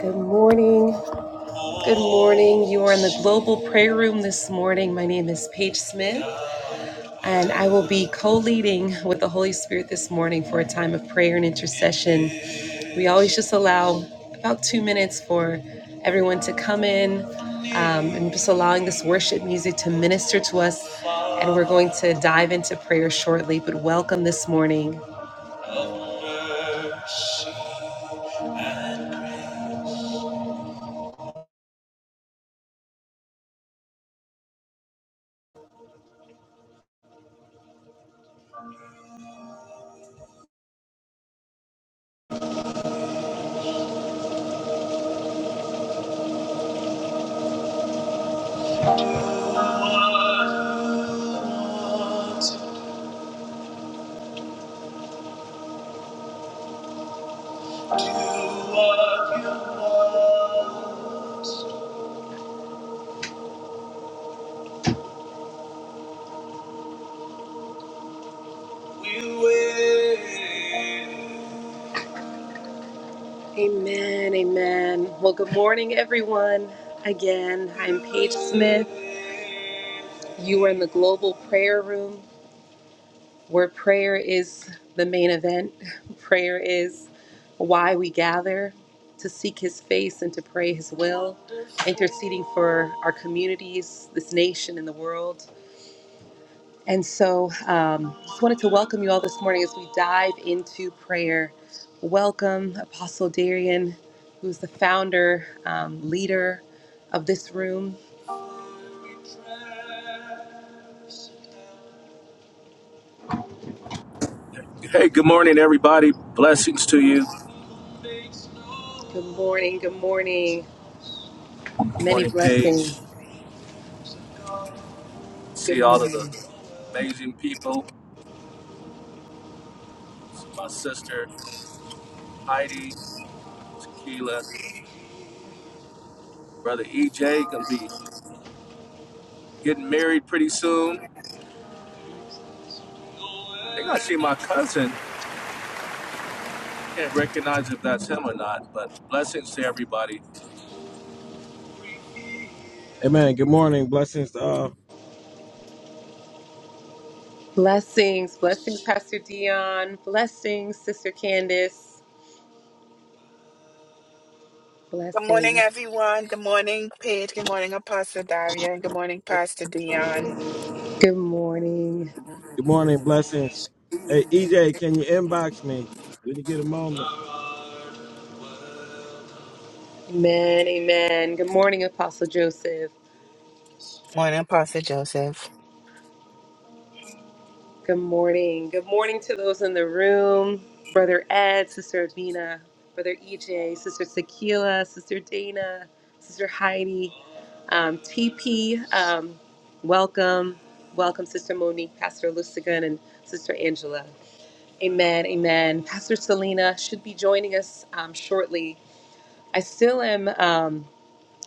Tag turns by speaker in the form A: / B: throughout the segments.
A: Good morning. Good morning. You are in the Global Prayer Room this morning. My name is Paige Smith, and I will be co leading with the Holy Spirit this morning for a time of prayer and intercession. We always just allow about two minutes for everyone to come in um, and just allowing this worship music to minister to us. And we're going to dive into prayer shortly, but welcome this morning. Amen, amen. Well, good morning, everyone. Again, I'm Paige Smith. You are in the Global Prayer Room, where prayer is the main event. Prayer is why we gather to seek His face and to pray His will, interceding for our communities, this nation, and the world. And so, um, just wanted to welcome you all this morning as we dive into prayer. Welcome, Apostle Darian, who's the founder, um, leader of this room. Good
B: Hey, good morning, everybody. Blessings to you.
A: morning. Good morning.
B: Good
A: Many
B: morning, Paige.
A: blessings. Good
B: See all of the
A: morning.
B: amazing people. See my sister Heidi, Tequila, brother EJ. Gonna be getting married pretty soon. I think I see my cousin. Can't recognize if that's him or not, but blessings to everybody.
C: Amen. Good morning. Blessings. to all.
A: Blessings. Blessings, Pastor Dion. Blessings, Sister Candace.
D: Good morning,
A: Blessings.
D: everyone. Good morning, Paige. Good morning, Apostle Daria. Good morning, Pastor Dion.
A: Good morning.
C: good morning. Blessings. Hey, EJ, can you inbox me when you get a moment?
A: Amen, amen. Good morning, Apostle Joseph.
D: morning, Apostle Joseph.
A: Good morning. Good morning to those in the room. Brother Ed, Sister Abina, Brother EJ, Sister Tequila, Sister Dana, Sister Heidi, um, TP, um, welcome. Welcome, Sister Monique, Pastor Lustigan, and Sister Angela. Amen, amen. Pastor Selena should be joining us um, shortly. I still am. Um,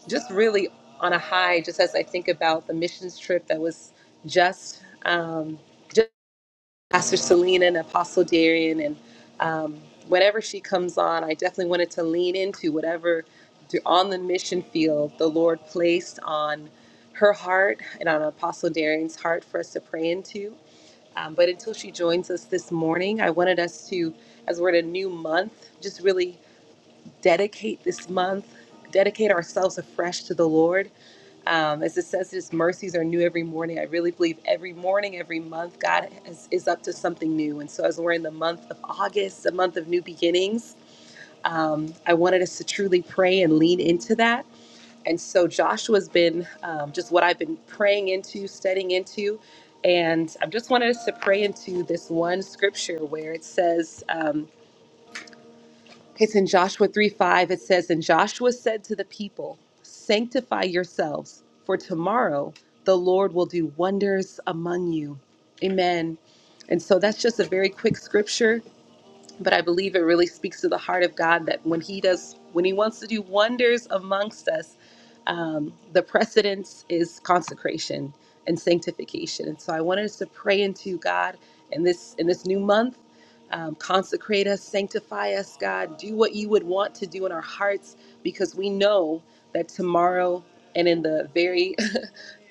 A: just really on a high, just as I think about the missions trip that was just um, just Pastor Selena and Apostle Darian, and um, whenever she comes on, I definitely wanted to lean into whatever th- on the mission field the Lord placed on her heart and on Apostle Darian's heart for us to pray into. Um, but until she joins us this morning, I wanted us to, as we're in a new month, just really dedicate this month, dedicate ourselves afresh to the Lord. Um, as it says, His mercies are new every morning. I really believe every morning, every month, God is, is up to something new. And so, as we're in the month of August, the month of new beginnings, um, I wanted us to truly pray and lean into that. And so Joshua's been um, just what I've been praying into, studying into. And I just wanted us to pray into this one scripture where it says, um, Okay, it's in Joshua 3 5. It says, And Joshua said to the people, 'Sanctify yourselves, for tomorrow the Lord will do wonders among you. Amen. And so that's just a very quick scripture but I believe it really speaks to the heart of God that when He does, when He wants to do wonders amongst us, um, the precedence is consecration and sanctification. And so I wanted us to pray into God in this in this new month. Um, consecrate us, sanctify us, God. Do what you would want to do in our hearts, because we know that tomorrow and in the very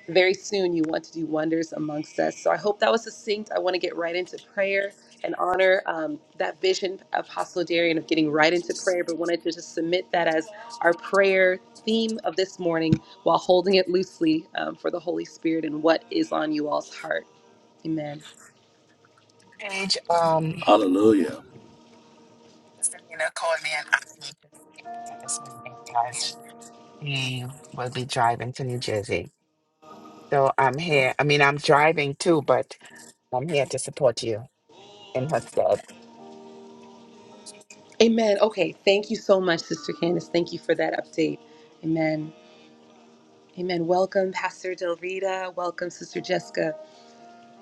A: very soon you want to do wonders amongst us. So I hope that was succinct. I want to get right into prayer and honor um, that vision, Apostle Darian, of getting right into prayer, but wanted to just submit that as our prayer theme of this morning while holding it loosely um, for the Holy Spirit and what is on you all's heart. Amen.
D: Paige, um,
B: Hallelujah.
D: Sister Selena called me and asked me to help this morning as she will be driving to New Jersey. So I'm here. I mean, I'm driving too, but I'm here to support you in her stead.
A: Amen. Okay. Thank you so much, Sister Candace. Thank you for that update. Amen. Amen. Welcome, Pastor Del Rita. Welcome, Sister Jessica.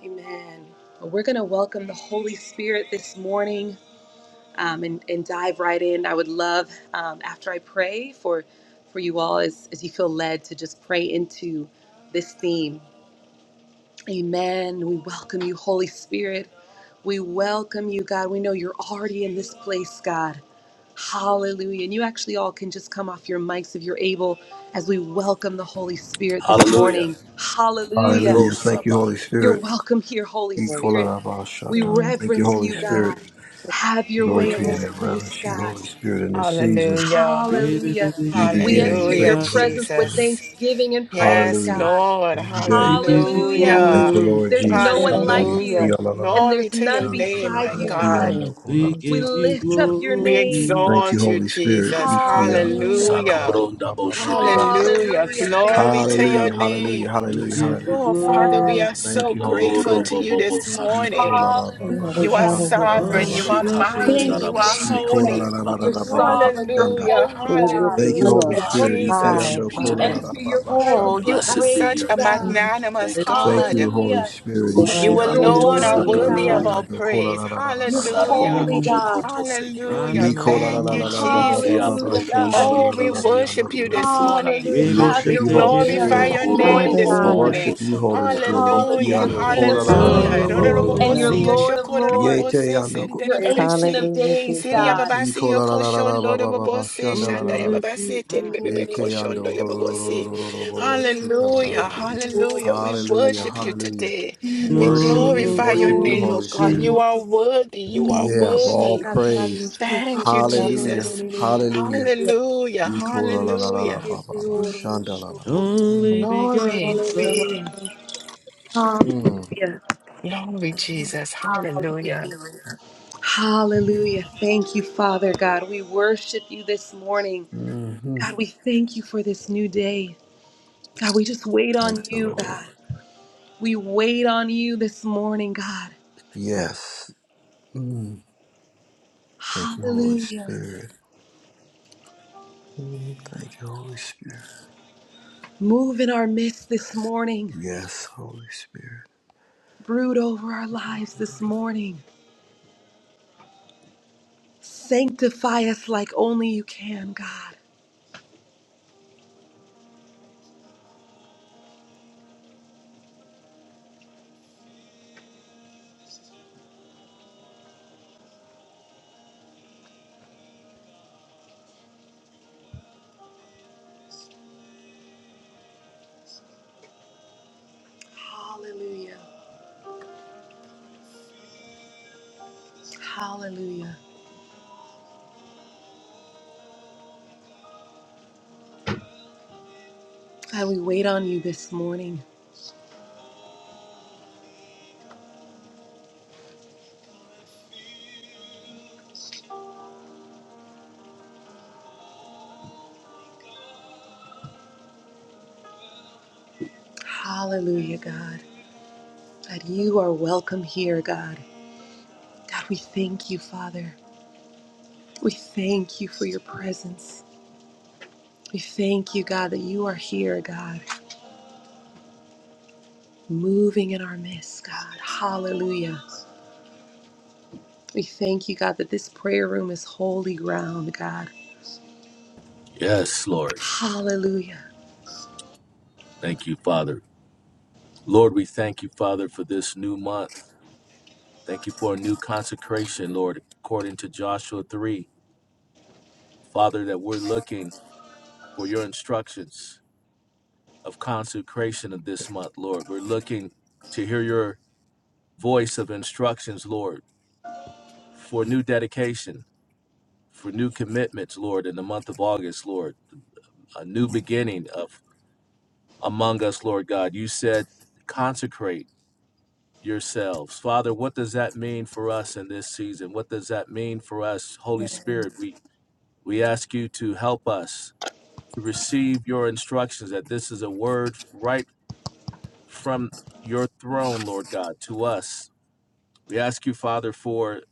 A: Amen. Well, We're going to welcome the Holy Spirit this morning um, and, and dive right in. I would love, um, after I pray for, for you all, as, as you feel led to just pray into this theme. Amen. We welcome you, Holy Spirit. We welcome you, God. We know you're already in this place, God. Hallelujah. And you actually all can just come off your mics if you're able as we welcome the Holy Spirit this
B: Hallelujah.
A: morning. Hallelujah.
E: Hallelujah. Thank you,
B: Rosaba.
E: Holy
A: You're
E: Spirit.
A: welcome here, Holy
F: Praise
A: Spirit. We
E: Ikolalabashata.
G: We
E: Thank you,
A: reverence you,
E: Holy
G: honor
A: God.
E: Spirit.
A: Have your
E: Glory
A: way
C: Rama,
E: to
A: in
C: Rama,
E: you
A: this
E: that
A: place,
E: reverence you,
A: God.
E: Holy
C: see.
E: Spirit, in this season.
D: Hallelujah.
C: Baby,
A: Hallelujah.
C: baby,
E: New
C: she
A: We
C: take
E: beginning.
A: enter
C: it
E: Thank
A: your
D: Hallelujah,
C: about
E: you, Holy
A: presence with
E: Spirit.
D: Jesus.
A: thanksgiving and praise,
D: Yes,
E: Hallelujah.
A: God.
D: Lord.
E: New
C: We
E: day.
C: give you
A: Hallelujah.
E: Thank
D: Hallelujah.
E: you, Lord
C: glory.
A: There's no
E: Jesus.
A: one like
E: Hallelujah.
D: Hallelujah.
A: you,
E: Kialalalabashata.
A: and
D: Glory
A: there's
D: to your
A: none
D: name,
A: beside
D: my
A: you,
D: God.
A: God.
C: We
A: We
C: give you
A: lift up
E: Kiandokolalabashata.
A: your
D: We
A: name.
C: glory.
E: Thank you,
D: exalt you,
E: Holy Spirit.
D: Jesus.
A: Hallelujah.
D: Hallelujah.
B: Sakabronda
E: Ikiandokolalabashata.
B: boshebekebik.
D: Hallelujah.
A: Hallelujah. Thank
B: Isiti.
A: you,
D: Glory to your
A: Father.
E: Hallelujah.
D: name.
E: Hallelujah.
C: We
E: Hallelujah.
C: give you
E: Hallelujah.
B: Narubobokotosaya.
D: Oh, Father, we
A: Yes,
C: glory.
D: are
A: you're
E: Thank
D: so
E: you, Holy
B: Oh,
A: welcome
D: grateful
E: Spirit.
A: here.
D: to you
B: Robobobo
D: this
E: He
B: Saka.
E: kola
D: morning.
E: la ba ba ba
A: Hallelujah,
D: You are
A: God.
E: shanda
G: you,
E: la la la
D: sovereign.
C: Lord,
E: la
G: God.
D: You
C: we
E: la
D: are
E: ba
C: bless
E: ba ba ba ba
C: your
D: mighty.
A: Thank you,
D: You
C: name.
E: ba.
D: are
E: She kola
B: Shikabrundaraboseki,
E: la
D: holy.
B: and
A: Jesus.
E: la la la
B: Father,
A: You're
B: we
E: la ba ba
B: thank you.
E: ba
A: sovereign. You're
E: shanda.
D: Hallelujah.
A: holy,
G: We lift
A: God.
E: Thank you,
G: you
E: Holy
G: up
D: Hallelujah,
B: Honor
E: Spirit.
B: you,
D: Jesus.
G: high,
E: Ikiando
B: worship you
A: We
E: kola la
B: today.
G: Father.
E: la
A: enter
E: ba
A: your
E: ba
D: Oh,
A: presence
E: shanda
A: with
D: you
E: la
D: are
E: la
B: Blessed
E: la
B: be
E: ba.
D: such
A: praise,
B: your
D: a
B: name.
A: God.
D: magnanimous
B: Thank you,
E: Thank
B: Father.
D: God.
E: you, Holy
A: Hallelujah.
E: Spirit.
B: Rushi
D: You
G: Yes,
C: We
A: You're
G: we
C: give
E: Ikiando
B: baboto
D: alone
C: you
G: need
D: are
E: kola la
G: you,
E: la
A: worthy,
B: saka
E: la
D: worthy
E: la
D: of
A: God.
G: Jesus.
C: glory.
D: our
B: Rushibabotosakababate,
E: yando kola
D: praise.
E: la la la la la
A: You're
E: ba ba ba ba.
D: Hallelujah.
A: holy,
G: Mm.
A: God.
D: Hallelujah.
C: Rana,
B: Sarobobobokotosekidididi,
C: na, na,
E: Nikola
C: ma,
E: la
D: Thank
E: la
C: ma,
D: you,
E: la
C: ma,
E: la
C: see,
E: ba ba ba
C: take
E: ba
C: it.
D: Jesus.
E: ba
A: Hallelujah,
E: shanda
A: God.
E: la la
D: Oh,
E: la
D: we
E: la la yando.
D: worship you
E: la la
D: this
E: la.
D: morning.
A: Hallelujah.
E: We
B: Kiabrundishikistibrundabrukapite,
C: Baby,
A: Have
C: she
E: worship
D: We
A: your
E: you,
A: way
C: take
E: Holy
C: it
A: in
D: glorify
A: us
C: about
E: Spirit.
A: this
D: your name
A: morning,
D: this
E: We
A: God.
G: Hallelujah.
D: morning.
E: worship you, Holy Spirit.
A: Hallelujah.
D: Hallelujah.
A: You're
E: Ikiando
A: King
E: kola
A: of
E: la la la la
C: You're
D: Hallelujah.
E: la
B: Korobobobobokosotorobobobokoyobotosabate.
A: kings
E: ba
G: Hallelujah,
E: ba ba
C: holy
E: ba
A: and you're
D: Rororobobose,
E: ba.
G: Jesus.
E: ba.
C: king.
A: Lord of lords.
D: yoshokororobobose,
E: Yete ando.
A: You're Ancient
D: senderebebesi.
A: of
G: Hallelujah,
A: Days,
G: Jesus.
A: God.
D: Siriababasi,
E: Iko la la la la la ba ba ba ba
D: yokoshondorobobose,
E: shanda
C: Oh,
E: la
C: we
E: la la la.
C: lift
D: shandayababase,
C: you high.
E: Ye ke ando ro ro ro ro ro
D: terebebebekoshondoyobobose.
E: ro ro ro bo bo shika la la la
D: Hallelujah.
E: la.
D: Hallelujah. We
E: Hallelujah,
D: worship you
E: hallelujah.
D: today. We
E: Worship you,
C: You're a
D: glorify your
E: worship you,
D: name,
C: holy
D: oh
E: Holy
D: God.
E: Spirit.
C: king,
D: You are worthy. You are
E: Yeah, of all
D: worthy.
E: praise.
D: Thank you,
E: Hallelujah,
D: Jesus.
E: hallelujah.
D: Hallelujah.
E: Iko la la la la la
D: Hallelujah.
E: ba ba ba shanda la la. la. Mm.
C: only
D: Glory.
C: begotten Son.
A: Hallelujah.
E: Mm.
A: Hallelujah.
D: Glory, Jesus. Hallelujah.
A: Hallelujah. Hallelujah. Thank you, Father God. We worship you this morning.
E: Mm-hmm.
A: God, we thank you for this new day. God, we just wait
E: Thank
A: on
E: you,
A: you,
E: Lord.
A: God. We wait on you this morning, God.
E: Yes. Mm. Thank you, Holy
A: Hallelujah.
E: Spirit. Mm. Thank you, Holy Spirit.
A: Move in our midst this morning.
E: Yes, Holy Spirit.
A: Brood over our lives this morning. Sanctify us like only you can, God. Hallelujah. Hallelujah. God, we wait on you this morning. Hallelujah, God. God, you are welcome here, God. God, we thank you, Father. We thank you for your presence. We thank you, God, that you are here, God. moving in our midst, God. Hallelujah. We thank you, God, that this prayer room is holy ground, God.
B: Yes, Lord.
A: Hallelujah.
B: Thank you, Father. Lord, we thank you, Father, for this new month. Thank you for a new consecration, Lord, according to Joshua 3. Father, that we're looking for your instructions of consecration of this month, Lord. We're looking to hear your voice of instructions, Lord, for new dedication, for new commitments, Lord, in the month of August, Lord. A new beginning of among us, Lord God. You said consecrate yourselves. Father, what does that mean for us in this season? What does that mean for us, Holy Spirit? We We ask you to help us to receive your instructions that this is a word right from your throne, Lord God, to us. We ask you, Father, for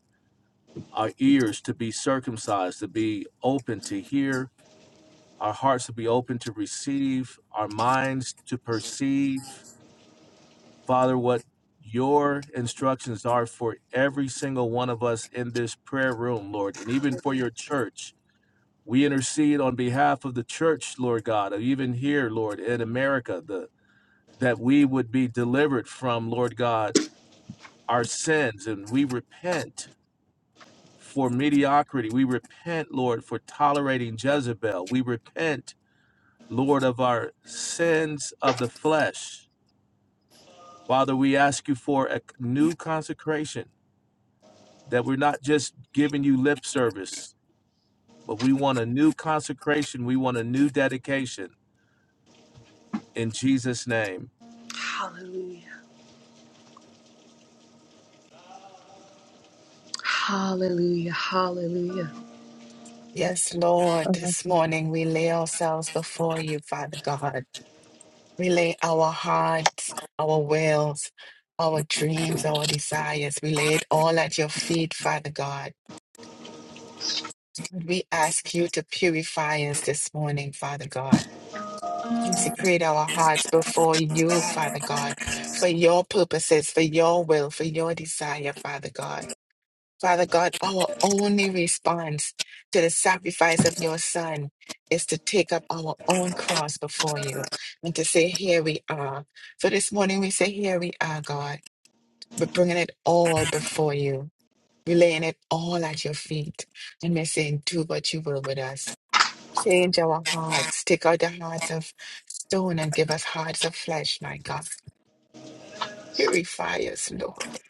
B: our ears to be circumcised, to be open to hear, our hearts to be open to receive, our minds to perceive, Father, what your instructions are for every single one of us in this prayer room, Lord, and even for your church. We intercede on behalf of the church, Lord God, even here, Lord, in America, the, that we would be delivered from, Lord God, our sins. And we repent for mediocrity. We repent, Lord, for tolerating Jezebel. We repent, Lord, of our sins of the flesh. Father, we ask you for a new consecration, that we're not just giving you lip service, but we want a new consecration. We want a new dedication in Jesus' name.
A: Hallelujah. Hallelujah. Hallelujah.
D: Yes, Lord,
G: Oh,
D: this morning we lay ourselves before you, Father God. We lay our hearts, our wills, our dreams, our desires. We lay it all at your feet, Father God. We ask you to purify us this morning, Father God. Consecrate our hearts before you, Father God, for your purposes, for your will, for your desire, Father God. Father God, our only response to the sacrifice of your Son is to take up our own cross before you and to say, Here we are. So this morning we say, Here we are, God. We're bringing it all before you. We're laying it all at your feet. And we're saying, Do what you will with us. Change our hearts. Take out the hearts of stone and give us hearts of flesh, my God. Purify us, Lord.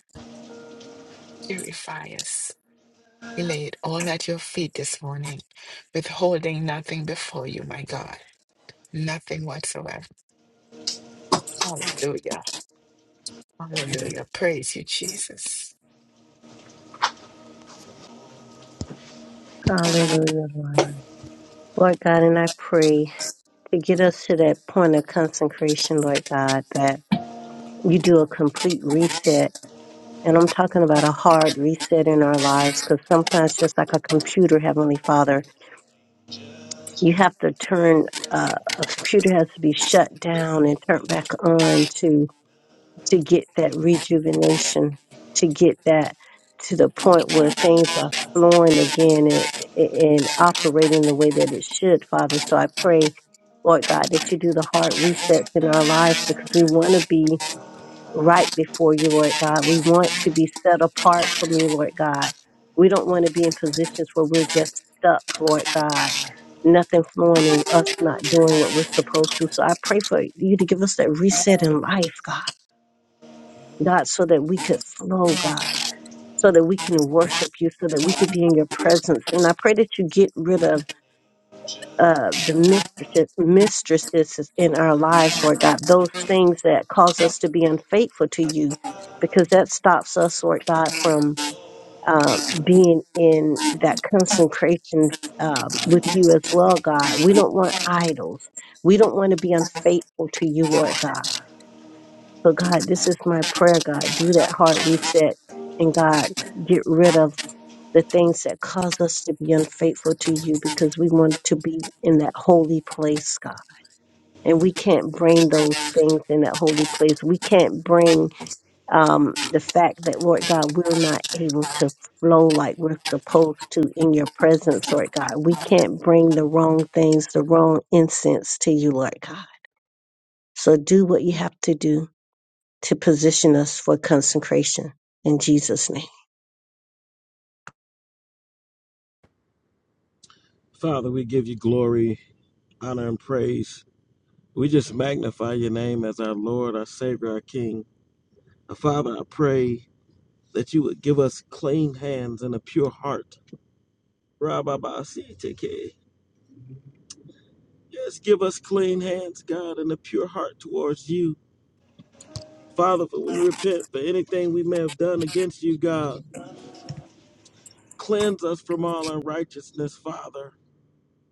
D: Purify us. We lay it all at your feet this morning, withholding nothing before you, my God. Nothing whatsoever. Hallelujah. Hallelujah. Praise you, Jesus.
G: Hallelujah, Lord. Lord God, and I pray to get us to that point of consecration, Lord God, that you do a complete reset And I'm talking about a hard reset in our lives because sometimes, just like a computer, Heavenly Father, you have to turn uh, a computer has to be shut down and turned back on to to get that rejuvenation, to get that to the point where things are flowing again and, and operating the way that it should, Father. So I pray, Lord God, that you do the hard resets in our lives because we want to be right before you, Lord God. We want to be set apart from you, Lord God. We don't want to be in positions where we're just stuck, Lord God. Nothing flowing and us not doing what we're supposed to. So I pray for you to give us that reset in life, God. God, so that we could flow, God. So that we can worship you, so that we could be in your presence. And I pray that you get rid of uh, the mistresses, mistresses in our lives, Lord God, those things that cause us to be unfaithful to you, because that stops us, Lord God, from uh, being in that consecration um, with you as well, God. We don't want idols. We don't want to be unfaithful to you, Lord God. So, God, this is my prayer, God. Do that heart reset and, God, get rid of the things that cause us to be unfaithful to you because we want to be in that holy place, God. And we can't bring those things in that holy place. We can't bring um, the fact that, Lord God, we're not able to flow like we're supposed to in your presence, Lord God. We can't bring the wrong things, the wrong incense to you, Lord God. So do what you have to do to position us for consecration in Jesus'
C: Father, we give you glory, honor, and praise. We just magnify your name as our Lord, our Savior, our King. Uh, Father, I pray that you would give us clean hands and a pure heart. Rababasiteke. Yes, give us clean hands, God, and a pure heart towards you. Father, for we repent for anything we may have done against you, God. Cleanse us from all unrighteousness, Father.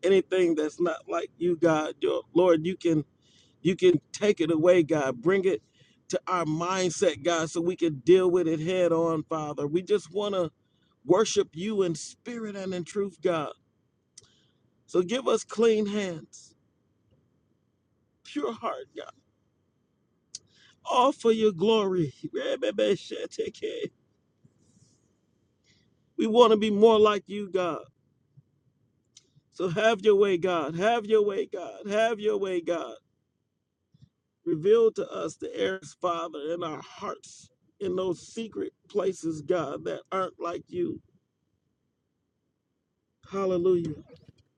C: anything that's not like you, God, your Lord, you can you can take it away, God. Bring it to our mindset, God, so we can deal with it head on, Father. We just want to worship you in spirit and in truth, God. So give us clean hands, pure heart, God, all for your glory. We want to be more like you, God. So have your way, God. Have your way, God. Have your way, God. Reveal to us the areas, Father, in our hearts, in those secret places, God, that aren't like you. Hallelujah.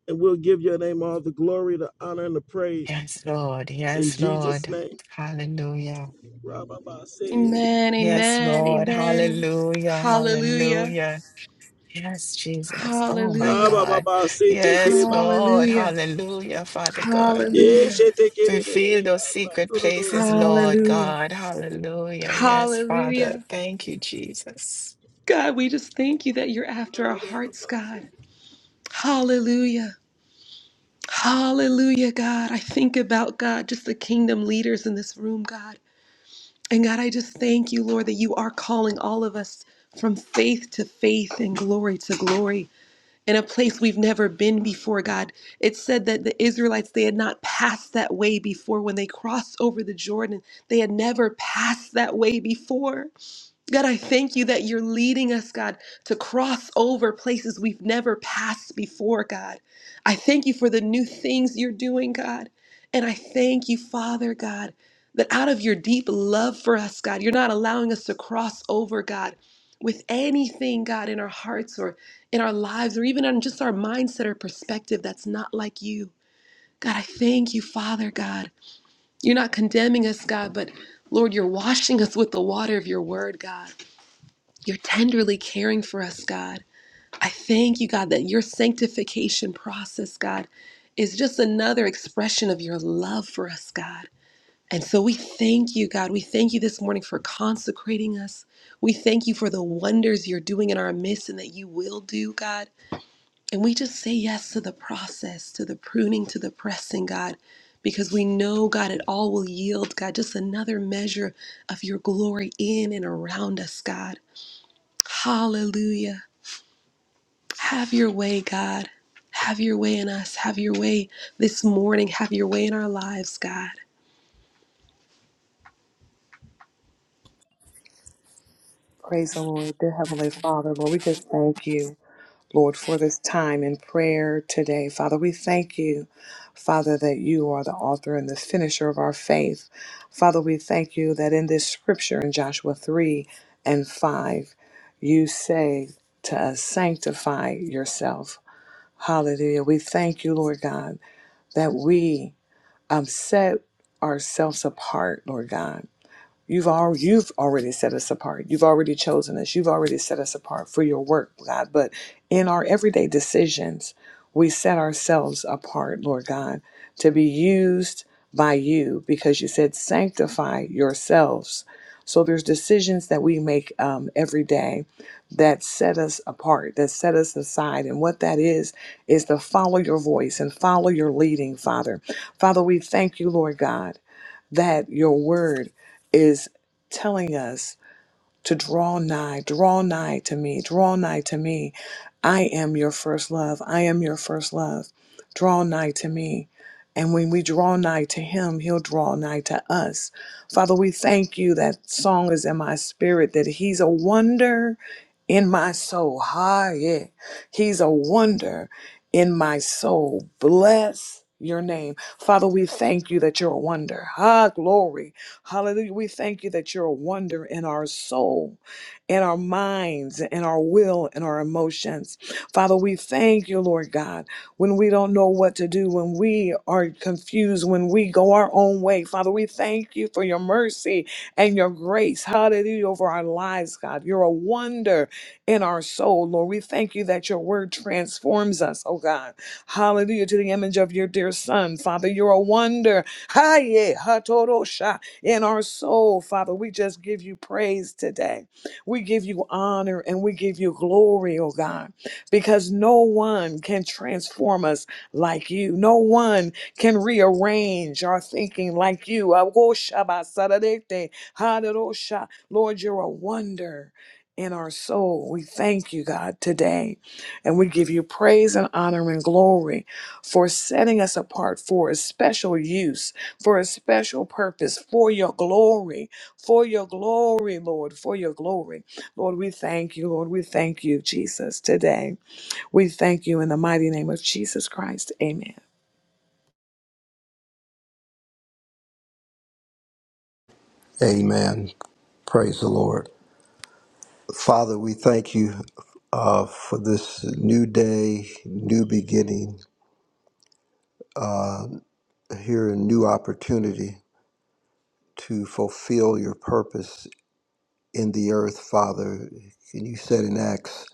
C: And we'll give your name all the glory, the honor, and the praise.
D: Yes, Lord.
C: In
D: Yes,
C: Jesus'
D: Lord.
C: name.
D: Hallelujah.
C: Rabba ba se,
A: Amen.
D: Yes,
A: Amen.
D: Lord.
A: Amen.
D: Hallelujah.
A: Hallelujah.
D: Hallelujah. Yes, Jesus. Oh my
A: Hallelujah.
C: rabba ba
D: God.
C: ba se te kere
D: Yes, Lord.
A: Hallelujah.
D: Hallelujah, Father God.
A: Hallelujah.
D: Reveal those secret places,
A: Hallelujah.
D: Lord God. Hallelujah. Yes, Father.
A: Hallelujah.
D: Thank you, Jesus.
A: God, we just thank you that you're after our hearts, God. Hallelujah. Hallelujah, God. I think about God, just the kingdom leaders in this room, God. And God, I just thank you, Lord, that you are calling all of us from faith to faith and glory to glory in a place we've never been before, God. It said that the Israelites, they had not passed that way before when they crossed over the Jordan. They had never passed that way before. God, I thank you that you're leading us, God, to cross over places we've never passed before, God. I thank you for the new things you're doing, God. And I thank you, Father, God, that out of your deep love for us, God, you're not allowing us to cross over, God, with anything, God, in our hearts or in our lives or even in just our mindset or perspective that's not like you. God, I thank you, Father, God. You're not condemning us, God, but Lord, you're washing us with the water of your word, God. You're tenderly caring for us, God. I thank you, God, that your sanctification process, God, is just another expression of your love for us, God. And so we thank you, God. We thank you this morning for consecrating us. We thank you for the wonders you're doing in our midst and that you will do, God. And we just say yes to the process, to the pruning, to the pressing, God, because we know, God, it all will yield, God, just another measure of your glory in and around us, God. Hallelujah. Have your way, God. Have your way in us. Have your way this morning. Have your way in our lives, God.
F: the Lord, dear Heavenly Father. Lord, we just thank you, Lord, for this time in prayer today. Father, we thank you, Father, that you are the author and the finisher of our faith. Father, we thank you that in this scripture in Joshua 3 and 5, you say to us, sanctify yourself. Hallelujah. We thank you, Lord God, that we um, set ourselves apart, Lord God You've al- you've already set us apart. You've already chosen us. You've already set us apart for your work, God. But in our everyday decisions, we set ourselves apart, Lord God, to be used by you because you said sanctify yourselves. So there's decisions that we make um, every day that set us apart, that set us aside. And what that is, is to follow your voice and follow your leading, Father. Father, we thank you, Lord God that your word is telling us to draw nigh, draw nigh to me, draw nigh to me. I am your first love. I am your first love. Draw nigh to me. And when we draw nigh to him, he'll draw nigh to us. Father, we thank you that song is in my spirit, that he's a wonder in my soul. Ha, yeah. He's a wonder in my soul. Bless your name. Father, we thank you that you're a wonder. Ha, glory. Hallelujah. We thank you that you're a wonder in our soul, in our minds, in our will, in our emotions. Father, we thank you, Lord God, when we don't know what to do, when we are confused, when we go our own way. Father, we thank you for your mercy and your grace. Hallelujah over our lives, God. You're a wonder in our soul, Lord. We thank you that your word transforms us, oh God. Hallelujah to the image of your dear son. Father, you're a wonder. Haye in our soul, Father. We just give you praise today. We give you honor and we give you glory, oh God, because no one can transform us like you. No one can rearrange our thinking like you. Agoshabasadadete, hadarosha. Lord, you're a wonder in our soul. We thank you, God, today. And we give you praise and honor and glory for setting us apart for a special use for a special purpose, for your glory, for your glory, Lord, for your glory. Lord, we thank you, Lord. We thank you, Jesus, today. We thank you in the mighty name of Jesus Christ. Amen.
E: Amen. Praise the Lord. Father, we thank you uh, for this new day, new beginning, uh, here a new opportunity to fulfill your purpose in the earth, Father. And you said in Acts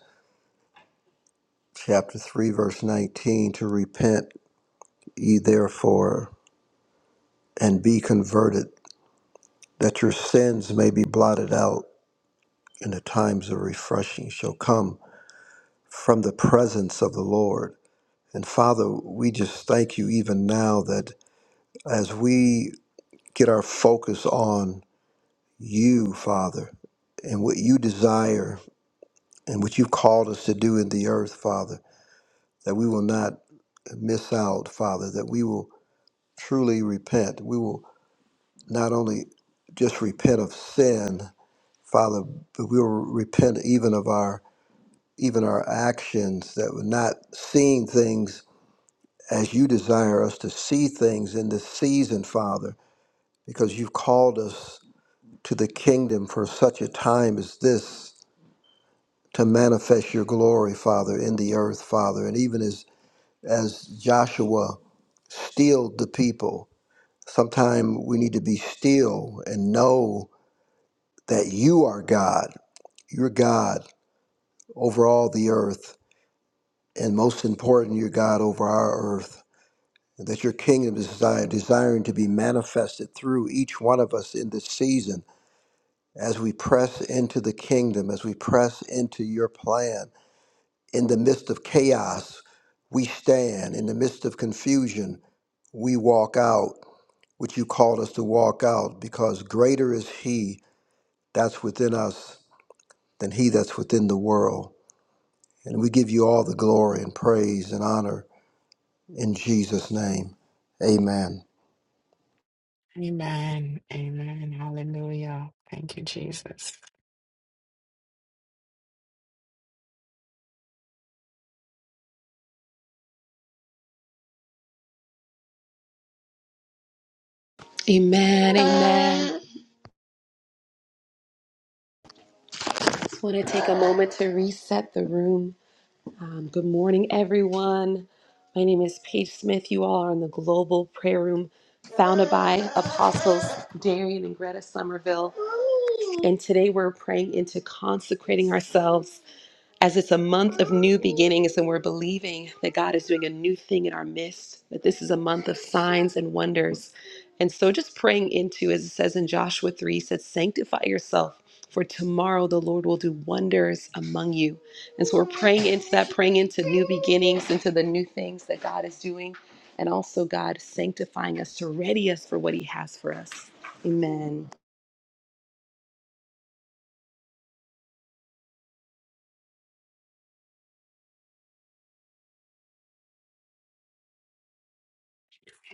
E: chapter 3, verse 19, to repent ye therefore and be converted, that your sins may be blotted out, and the times of refreshing shall come from the presence of the Lord. And Father, we just thank you even now that as we get our focus on you, Father, and what you desire and what you've called us to do in the earth, Father, that we will not miss out, Father, that we will truly repent. We will not only just repent of sin, Father, but we will repent even of our even our actions that we're not seeing things as you desire us to see things in this season, Father because you've called us to the kingdom for such a time as this to manifest your glory, Father, in the earth, Father. And even as, as Joshua steeled the people, sometimes we need to be still and know that you are God. You're God over all the earth. And most important, you're God over our earth. And that your kingdom is desired, desiring to be manifested through each one of us in this season as we press into the kingdom, as we press into your plan. In the midst of chaos, we stand. In the midst of confusion, we walk out what you called us to walk out because greater is He that's within us than He that's within the world. And we give you all the glory and praise and honor in Jesus' name. Amen.
D: Amen. Amen. Hallelujah. Thank you, Jesus.
A: Amen. Amen. Just want to take a moment to reset the room. Um, good morning, everyone. My name is Paige Smith. You all are in the Global Prayer Room, founded by Apostles Darian and Greta Somerville. And today we're praying into consecrating ourselves as it's a month of new beginnings and we're believing that God is doing a new thing in our midst, that this is a month of signs and wonders. And so just praying into, as it says in Joshua 3, it says, sanctify yourself, for tomorrow the Lord will do wonders among you. And so we're praying into that, praying into new beginnings, into the new things that God is doing, and also God sanctifying us to ready us for what He has for us. Amen.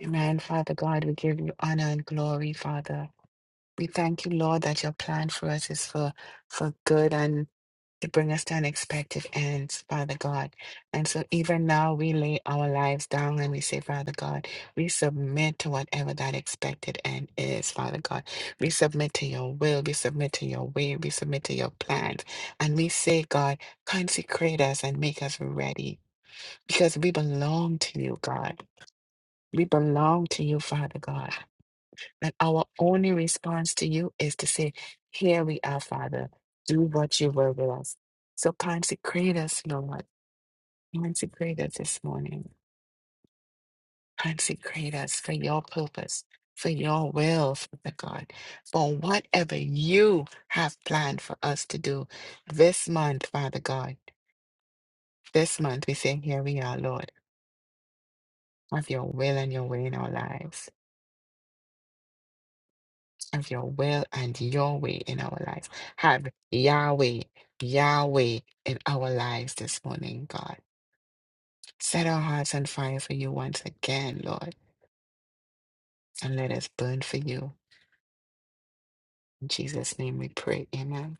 D: Amen. Father God, we give you honor and glory, Father. We thank you, Lord, that your plan for us is for for good and. to bring us to unexpected ends, Father God. And so even now we lay our lives down and we say, Father God, we submit to whatever that expected end is, Father God. We submit to your will, we submit to your way, we submit to your plans. And we say, God, consecrate us and make us ready because we belong to you, God. We belong to you, Father God. And our only response to you is to say, Here we are, Father. Do what you will with us. So consecrate us, Lord. Consecrate us this morning. Consecrate us for your purpose, for your will, Father God, for whatever you have planned for us to do this month, Father God. This month, we say, Here we are, Lord. Have your will and your way in our lives. of your will and your way in our lives. Have Yahweh, Yahweh in our lives this morning, God. Set our hearts on fire for you once again, Lord, and let us burn for you. In Jesus' name we pray. Amen.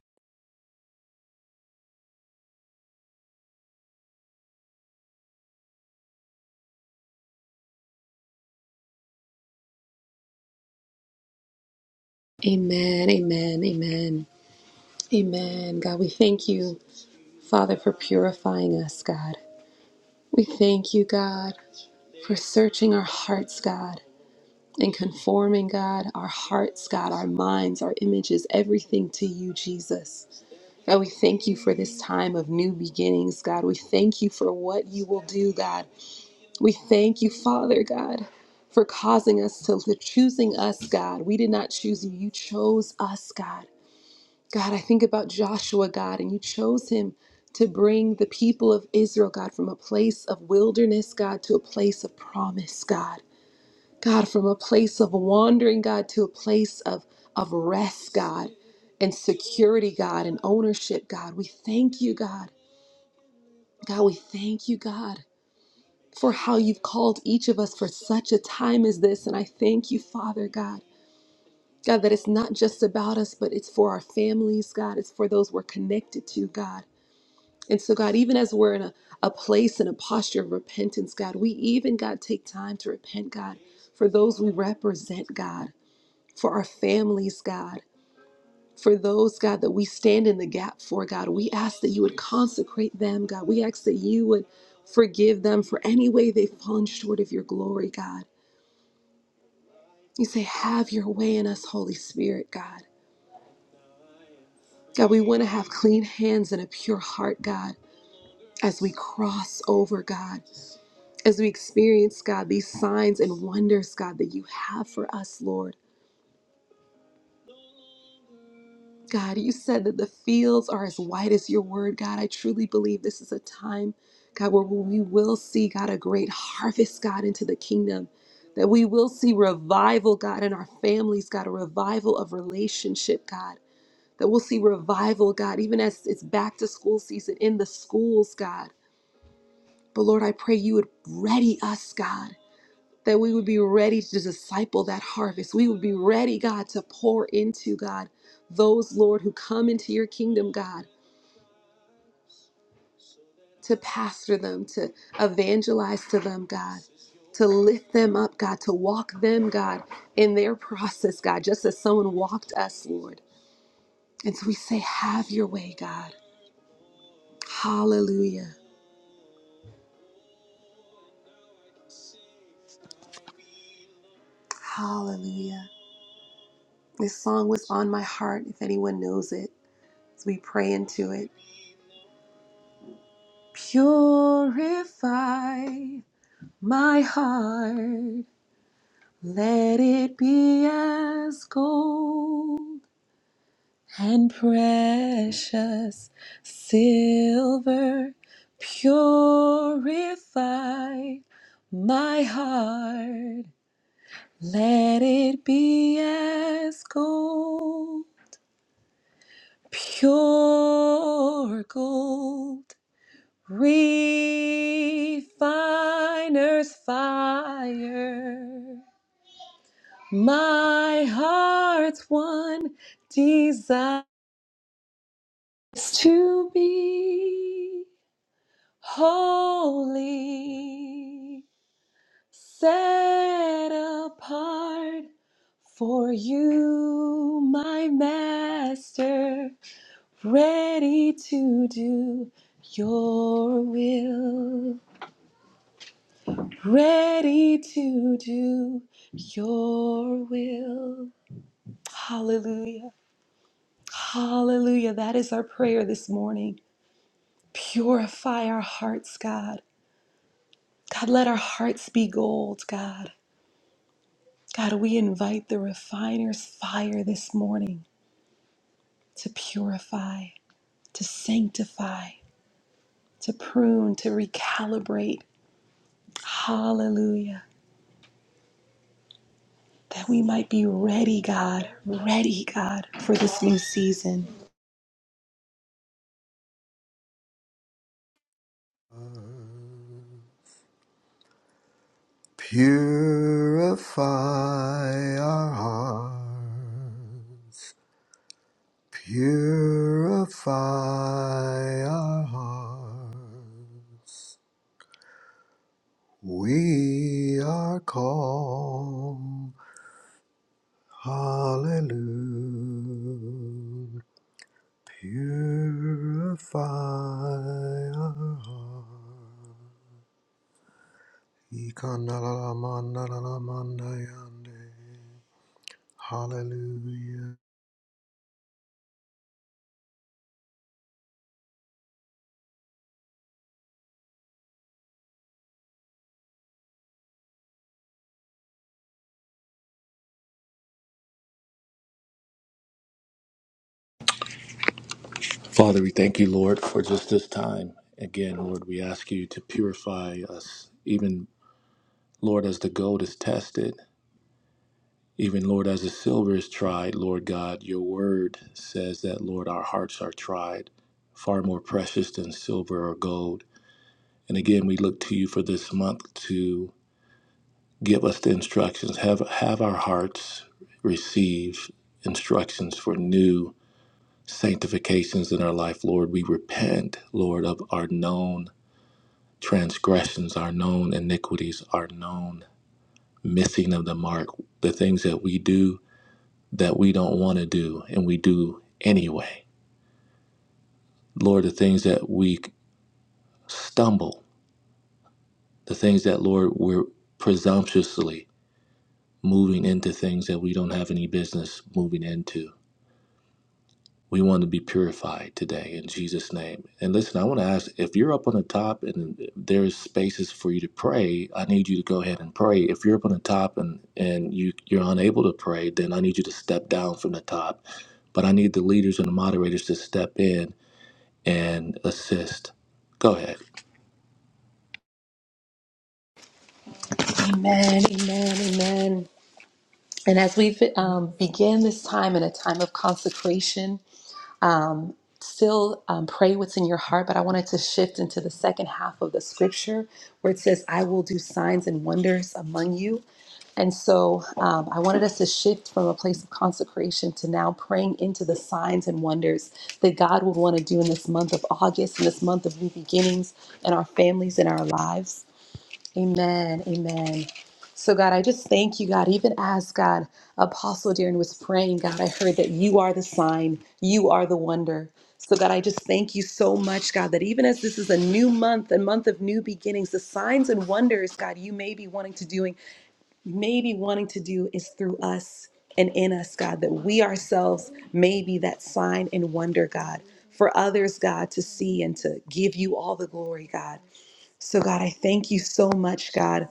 A: Amen, amen, amen, amen. God, we thank you. Father, for purifying us, God. We thank you, God, for searching our hearts, God, and conforming, God, our hearts, God, our minds, our images, everything to you, Jesus. God, we thank you for this time of new beginnings, God. We thank you for what you will do, God. We thank you, Father, God. For causing us to, for choosing us, God. We did not choose you. You chose us, God. God, I think about Joshua, God, and you chose him to bring the people of Israel, God, from a place of wilderness, God, to a place of promise, God. God, from a place of wandering, God, to a place of, of rest, God, and security, God, and ownership, God. We thank you, God. God, we thank you, God, for how you've called each of us for such a time as this. And I thank you, Father, God. God, that it's not just about us, but it's for our families, God. It's for those we're connected to, God. And so, God, even as we're in a, a place and a posture of repentance, God, we even, God, take time to repent, God, for those we represent, God, for our families, God, for those, God, that we stand in the gap for, God. We ask that you would consecrate them, God. We ask that you would forgive them for any way they've fallen short of your glory, God. You say, have your way in us, Holy Spirit, God. God, we want to have clean hands and a pure heart, God, as we cross over, God. as we experience, God, these signs and wonders, God, that you have for us, Lord. God, you said that the fields are as white as your word, God. I truly believe this is a time, God, where we will see, God, a great harvest, God, into the kingdom. That we will see revival, God, in our families, God, a revival of relationship, God. That we'll see revival, God, even as it's back to school season in the schools, God. But Lord, I pray you would ready us, God. that we would be ready to disciple that harvest. We would be ready, God, to pour into, God, those, Lord, who come into your kingdom, God, to pastor them, to evangelize to them, God, to lift them up, God, to walk them, God, in their process, God, just as someone walked us, Lord. And so we say, Have your way, God. Hallelujah. Hallelujah. This song was on my heart, if anyone knows it, as we pray into it. Purify My heart, let it be as gold and precious silver, purified. My heart, let it be as gold, pure gold, refiner's fire. My heart's one desires to be holy, set apart for you, my master, ready to do your will, ready to do your will. Hallelujah. Hallelujah. That is our prayer this morning. Purify our hearts, God. God, let our hearts be gold, God. God, we invite the refiner's fire this morning to purify, to sanctify, to prune, to recalibrate. Hallelujah. That we might be ready, God, ready, God, for this new season.
E: Purify our hearts Purify our hearts. We are called. Hallelujah. Purify our hearts. Ikanalalamandalalamandayande. Hallelujah.
B: Father, we thank you, Lord, for just this time. Again, Lord, we ask you to purify us, even, Lord, as the gold is tested, even, Lord, as the silver is tried, Lord God, your word says that, Lord, our hearts are tried, far more precious than silver or gold. And again, we look to you for this month to give us the instructions, have, have our hearts receive instructions for new sanctifications in our life, Lord. We repent, Lord, of our known transgressions, our known iniquities, our known missing of the mark, the things that we do that we don't want to do and we do anyway. Lord, the things that we stumble, the things that, Lord, we're presumptuously moving into things that we don't have any business moving into. We want to be purified today in Jesus' name. And listen, I want to ask if you're up on the top and there's spaces for you to pray, I need you to go ahead and pray. If you're up on the top and, and you, you're unable to pray, then I need you to step down from the top. But I need the leaders and the moderators to step in and assist. Go ahead.
A: Amen, amen, amen. And as we
G: name.
A: um, begin this time in a time of consecration, um, still um, pray what's in your heart, but I wanted to shift into the second half of the scripture where it says, I will do signs and wonders among you. And so um, I wanted us to shift from a place of consecration to now praying into the signs and wonders that God would want to do in this month of August, in this month of new beginnings in our families, in our lives. Amen. Amen. So, God, I just thank you, God. Even as God, Apostle Darren was praying, God, I heard that you are the sign, you are the wonder. So, God, I just thank you so much, God, that even as this is a new month, a month of new beginnings, the signs and wonders, God, you may be wanting to doing, may be wanting to do is through us and in us, God, that we ourselves may be that sign and wonder, God, for others, God, to see and to give you all the glory, God. So, God, I thank you so much, God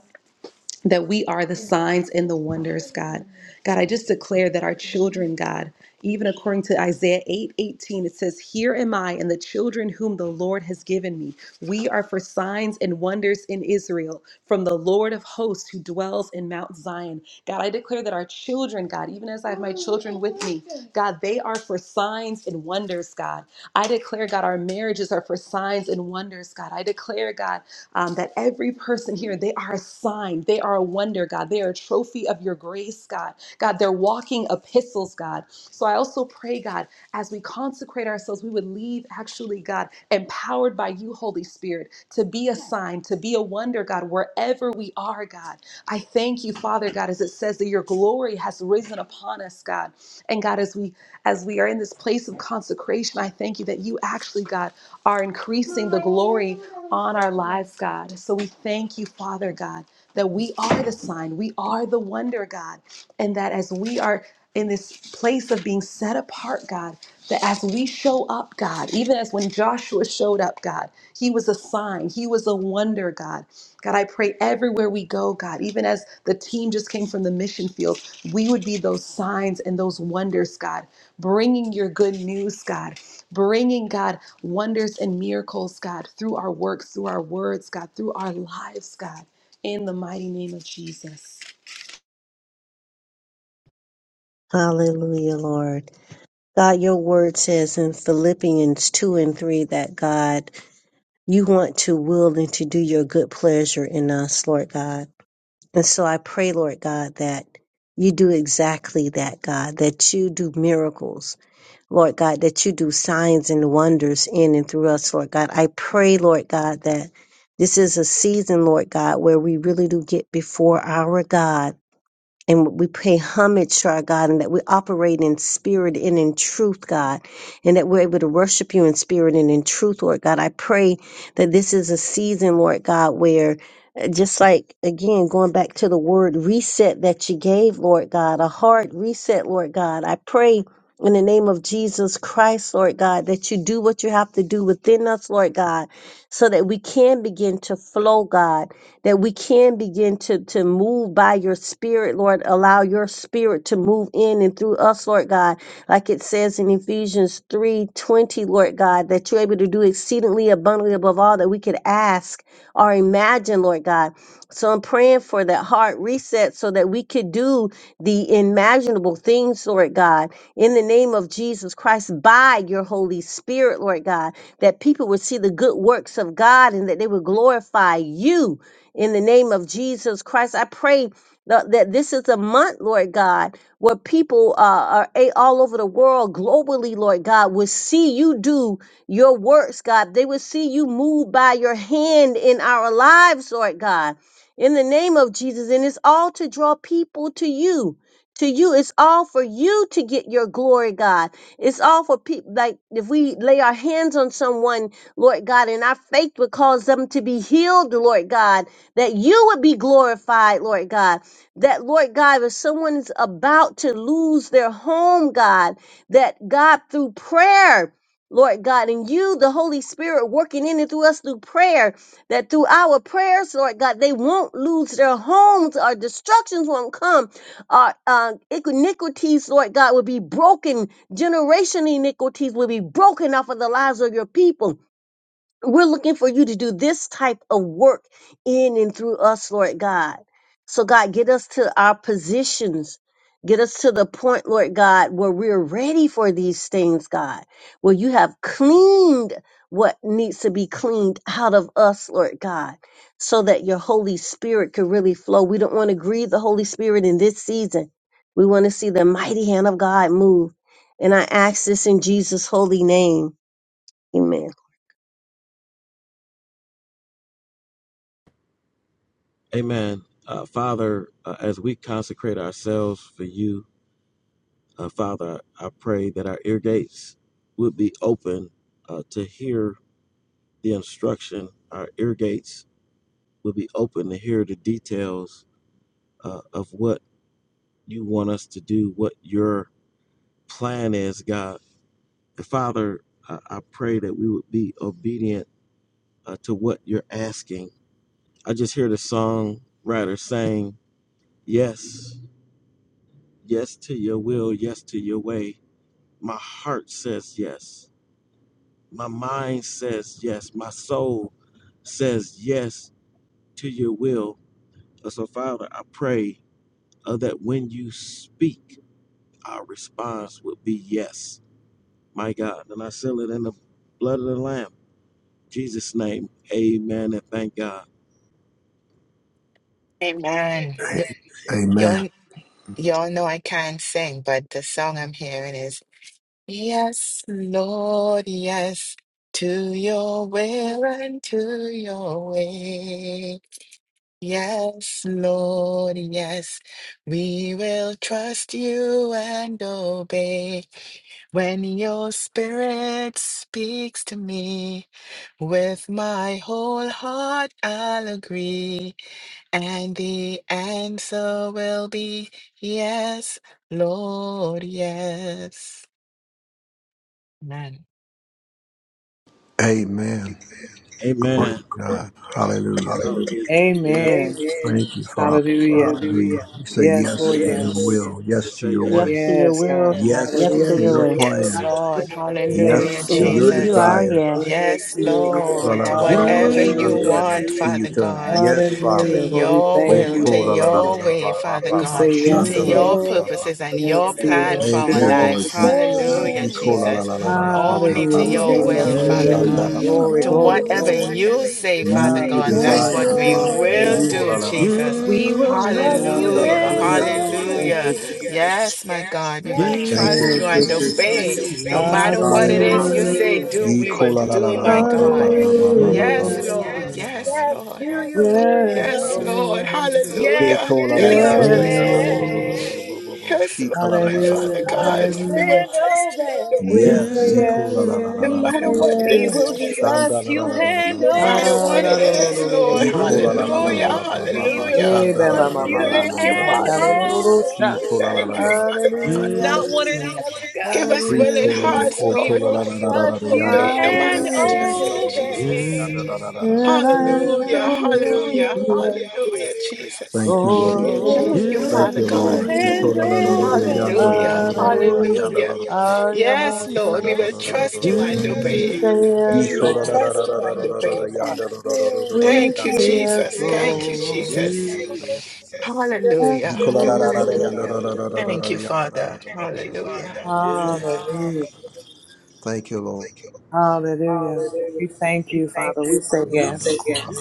A: that we are the signs and the wonders, God. God, I just declare that our children, God, even according to Isaiah 8 18, it says, Here am I and the children whom the Lord has given me. We are for signs and wonders in Israel from the Lord of hosts who dwells in Mount Zion. God, I declare that our children, God, even as I have my children with me, God, they are for signs and wonders, God. I declare, God, our marriages are for signs and wonders, God. I declare, God, um, that every person here, they are a sign, they are a wonder, God. They are a trophy of your grace, God. God, they're walking epistles, God. So I also pray, God, as we consecrate ourselves, we would leave actually, God, empowered by you, Holy Spirit, to be a sign, to be a wonder, God, wherever we are, God. I thank you, Father God, as it says that your glory has risen upon us, God. And God, as we as we are in this place of consecration, I thank you that you actually, God, are increasing the glory on our lives, God. So we thank you, Father God, that we are the sign, we are the wonder, God, and that as we are in this place of being set apart, God, that as we show up, God, even as when Joshua showed up, God, he was a sign, he was a wonder, God. God, I pray everywhere we go, God, even as the team just came from the mission field, we would be those signs and those wonders, God, bringing your good news, God, bringing, God, wonders and miracles, God, through our works, through our words, God, through our lives, God, in the mighty name of Jesus.
G: Hallelujah, Lord. God, your word says in Philippians 2 and 3 that God, you want to will and to do your good pleasure in us, Lord God. And so I pray, Lord God, that you do exactly that, God, that you do miracles, Lord God, that you do signs and wonders in and through us, Lord God. I pray, Lord God, that this is a season, Lord God, where we really do get before our God and we pay homage to our God and that we operate in spirit and in truth, God, and that we're able to worship you in spirit and in truth, Lord God. I pray that this is a season, Lord God, where uh, just like again, going back to the word reset that you gave, Lord God, a hard reset, Lord God. I pray in the name of Jesus Christ, Lord God, that you do what you have to do within us, Lord God, so that we can begin to flow, God that we can begin to, to move by your spirit, Lord. Allow your spirit to move in and through us, Lord God. Like it says in Ephesians 3 20, Lord God, that you're able to do exceedingly abundantly above all that we could ask or imagine, Lord God. So I'm praying for that heart reset so that we could do the imaginable things, Lord God, in the name of Jesus Christ by your Holy Spirit, Lord God, that people would see the good works of God and that they would glorify you in the name of Jesus Christ. I pray that that this is a month, Lord God, where people uh, are a- all over the world, globally, Lord God, will see you do your works, God. They will see you move by your hand in our lives, Lord God, in the name of Jesus. And it's all to draw people to you. To you, it's all for you to get your glory, God. It's all for people. Like if we lay our hands on someone, Lord God, and our faith would cause them to be healed, Lord God that you would be glorified, Lord God. That, Lord God, if someone's about to lose their home, God, that God, through prayer, Lord God, and you, the Holy Spirit, working in and through us through prayer, that through our prayers, Lord God, they won't lose their homes, our destructions won't come, our uh, iniquities, Lord God, will be broken, generation iniquities will be broken off of the lives of your people we're looking for you to do this type of work in and through us, Lord God. So, God, get us to our positions. Get us to the point, Lord God, where we're ready for these things, God, where you have cleaned what needs to be cleaned out of us, Lord God, so that your Holy Spirit could really flow. We don't want to grieve the Holy Spirit in this season. We want to see the mighty hand of God move. And I ask this in Jesus' holy name. Amen.
C: Amen. Uh, Father, uh, as we consecrate ourselves for you, uh, Father, I pray that our ear gates would be open uh, to hear the instruction, our ear gates will be open to hear the details uh, of what you want us to do, what your plan is, God. Father, I, I pray that we would be obedient uh, to what you're asking. I just hear the songwriter saying, Yes, yes to your will, yes to your way. My heart says yes. My mind says yes. My soul says yes to your will. Uh, So, Father, I pray uh, that when you speak, our response would be yes. My God. And I seal it in the blood of the Lamb. In Jesus' name. Amen. And thank God.
D: Amen. Y-
E: Amen.
D: y'all, y'all know I can't sing, but the song I'm hearing is Yes, Lord, yes, to your will and to your way. Yes, Lord, yes, we will trust you and obey. When your spirit speaks to me, with my whole heart I'll agree, and the answer will be yes, Lord, yes. Amen.
E: Amen. Glory
C: Amen.
E: to God. Hallelujah.
C: Hallelujah. Hallelujah. Yes.
F: Amen.
C: Amen.
E: Thank you, Father.
F: Hallelujah.
C: Hallelujah.
E: Hallelujah. We say
F: Yes,
E: yes
C: Say
F: Lord,
E: to your
C: yes.
F: yes.
E: will,
C: yes. We
E: yes to
C: say Yes
E: your
G: Yes
E: way,
G: to
C: yes.
G: your
F: Yes, God.
G: will.
C: Yes,
E: yes
G: Yes to
C: Yes
E: to
F: Hallelujah.
G: your
E: your
G: way.
D: Yes,
C: Yes.
E: plan,
D: Lord.
F: Hallelujah. We say
D: Hallelujah,
F: yes,
C: Yes,
E: yes
C: Yes
E: to
G: We
F: Lord.
C: yes,
E: your
G: give you
D: Jesus.
G: our
E: desire.
G: yes.
F: Yes
D: Yes,
F: to your will.
D: Lord, to
C: yes, Yes.
D: whatever you
F: Hallelujah.
D: want, Father God,
E: Yes,
D: to
F: Hallelujah.
C: Yes,
E: Father.
F: Lord, we
D: your
F: thank
D: will,
F: you,
D: to
F: Lord, today.
D: your way, Father
F: We
D: God,
F: say yes,
D: to
F: Lord.
C: Yes.
D: your purposes and your
F: Yes to your
D: plan
F: will.
D: for
F: We
E: Thank
D: our
E: you,
F: deny
D: life.
E: Lord
F: ourselves. oh God.
D: Hallelujah,
E: Jesus.
A: Yes,
D: Jesus. Only to
F: Hallelujah. We
D: your
F: say
A: you
D: will,
F: yes to your
D: Father
A: will
F: will.
D: God.
C: Yes.
A: into
F: Glory,
D: To
F: glory,
D: whatever
F: glory.
A: your
D: you
A: way.
C: Whatever
D: say,
C: you
D: Father
C: say,
E: You
D: God,
C: Father
D: that's
A: Yes,
C: God,
D: what
F: Hallelujah.
E: desire,
F: We
D: we
C: that's
E: Father.
F: will
C: what
A: Lord,
C: we
F: say
E: You
D: will
C: will
A: yes.
E: call
D: do,
E: la la la
C: do,
F: yes.
E: la la
D: Jesus.
E: la la
A: We
E: la
A: will
E: ba, ba,
A: trust
E: sha,
A: you
E: da, la
D: Hallelujah,
E: la la
A: and
F: Hallelujah.
E: yanda, do, do, do, do,
F: Thank
D: hallelujah.
F: you,
E: do, do,
A: obey.
E: do.
F: Jesus.
D: Yes, my
C: Yes,
D: God, we
C: Hallelujah, Yes, my God,
D: will
A: Yes,
E: Thank
D: trust
E: you,
A: Lord.
C: we will
D: you
F: Thank you,
E: Lord
D: and
E: Jesus.
C: trust you
D: obey.
C: and
F: Jesus.
D: No
C: obey.
D: matter
C: No
D: what it
C: matter
E: Hallelujah.
D: is you
C: what
A: Hallelujah.
C: it is
D: say,
F: Hallelujah.
C: you
D: do,
C: yes,
E: You
D: we
C: say,
E: call
D: will
C: do,
E: la la la
D: do,
C: we
E: la
C: will do,
D: my
E: la ba
D: God.
C: my
E: ba ba
C: God.
E: ba
C: Yes,
A: Hallelujah.
E: ba ba ba ba
D: Yes,
F: Hallelujah.
E: ba ba ba
D: Lord.
C: yes.
E: ba
D: Yes,
E: ba
A: Yes
D: Lord.
E: ba
A: to
E: ba
A: your
E: ba
F: Yes,
E: ba.
D: Yes,
A: will.
C: Lord, yes,
D: Lord.
C: yes,
F: Lord.
C: Lord,
E: They
D: Hallelujah.
A: Yes
E: call la la
A: to
E: la
C: hallelujah.
E: la
D: Yes,
E: la
C: Yes,
A: your
E: la
F: Yes,
E: yanda,
D: Jesus.
E: do, do, do, do, do,
F: Lord.
E: do, bo,
A: way.
E: bo, bo.
D: Yes,
E: She call la
A: We
E: la
D: Lord.
E: la la
A: will
E: la
F: Hallelujah.
D: Father
E: la,
C: Lord,
E: yanda,
A: trust
D: God,
E: la
A: you
E: la
D: we
E: la.
D: will
F: Hallelujah.
A: and
D: trust you
A: obey.
F: We
C: yes,
E: Yes,
F: say
E: he call la
F: yes.
E: la la la
D: no, no
E: la
F: We
C: Yes,
E: la
F: say
D: matter
E: ba, ba,
D: what it
F: yes.
A: We
D: is,
A: will
E: shanda,
D: Jesus.
A: trust
E: la la
A: you
E: la
C: Yes,
E: la la
C: you
A: and
E: la,
D: No
E: ba,
D: matter
C: handle
F: Ah,
D: what it
F: da, do,
A: obey.
F: do,
D: is,
F: do, do,
D: Lord.
F: do, do, do,
E: Ikola
F: do,
E: la la
F: sha.
E: la
D: Hallelujah.
E: ba ba ba
A: We
E: ba
A: will
D: Hallelujah.
F: Ne,
E: shanda
F: ba,
E: la
C: Yes,
F: ba,
E: la
C: Lord,
A: trust
F: ba,
E: la
C: we
E: la
F: ba,
E: la
C: want
F: ba,
E: la
F: ba,
A: you
D: Thank you,
E: yanda
C: to
F: sha,
E: ro
A: and
E: ro
F: sha,
D: Father.
E: ro
F: do,
E: ro
F: do,
E: ro
F: do,
E: ro
F: do,
E: ro ki
F: sha.
E: kola
A: obey.
E: la
D: Thank
E: la
D: you,
E: la la
D: Father
E: la la la
D: God.
E: la
F: Hallelujah,
E: la
A: Not one or the other, God.
D: Give us
E: kri
D: willing
E: tolo lo
F: hallelujah,
D: hearts,
E: ko
A: We
D: Lord,
E: tola
A: will
E: la la la la la
D: to
E: la
A: trust
E: yanda
A: you
E: ro
D: obey no
E: ro ro
D: matter
A: and
E: ro
D: what you
F: hallelujah.
D: say,
E: ro ro ro ro ro
D: Jesus.
E: yanda
A: obey.
E: la la la la
F: And I am
D: Hallelujah,
F: so
E: la
F: guilty,
D: hallelujah, hallelujah, Jesus.
E: Thank you Lord
F: Lord.
A: We will
D: Thank you,
E: Thank
D: Father
E: you
A: trust you
D: God.
E: Lord
A: and
E: Ikola la la la la yanda ro
A: obey.
D: Hallelujah,
E: ro ro ro ro ro
F: Hallelujah.
E: yanda la
D: hallelujah.
E: la la
F: I am
D: Yes,
F: on the
D: Lord, we
E: yanda ro
D: will
E: ro ro
D: trust
E: ro
D: you
E: ro
D: and
E: ro
A: Yes,
C: trust
F: We
D: obey.
F: say
C: you and
F: yes,
D: We will
E: Ikola la
F: Lord.
C: obey.
E: la la
D: trust
E: la
D: you
E: la
D: and
E: la la la
D: obey, God.
E: yanda ro ro ro ro
A: Lord.
E: ro ro
F: We
D: Thank you,
E: yanda
F: say
E: ro ro ro ro
F: yes,
D: Jesus.
E: ro ro
C: Thank you,
D: Thank you,
F: Lord.
C: Jesus.
D: Jesus.
E: ro
C: Thank
E: ro
A: Lord,
E: ro
C: you,
E: ro ro.
C: Jesus.
F: Yes,
D: Hallelujah.
E: Thank
F: Lord.
C: Hallelujah.
D: Thank you, Father.
C: Thank you,
D: Hallelujah.
C: Father. Hallelujah.
F: Hallelujah.
E: you, Lord.
F: Hallelujah.
C: Hallelujah.
F: We thank
C: We
F: you, Father.
C: thank you,
F: We
C: Father.
F: say
C: We
E: Amen.
F: yes.
C: say yes.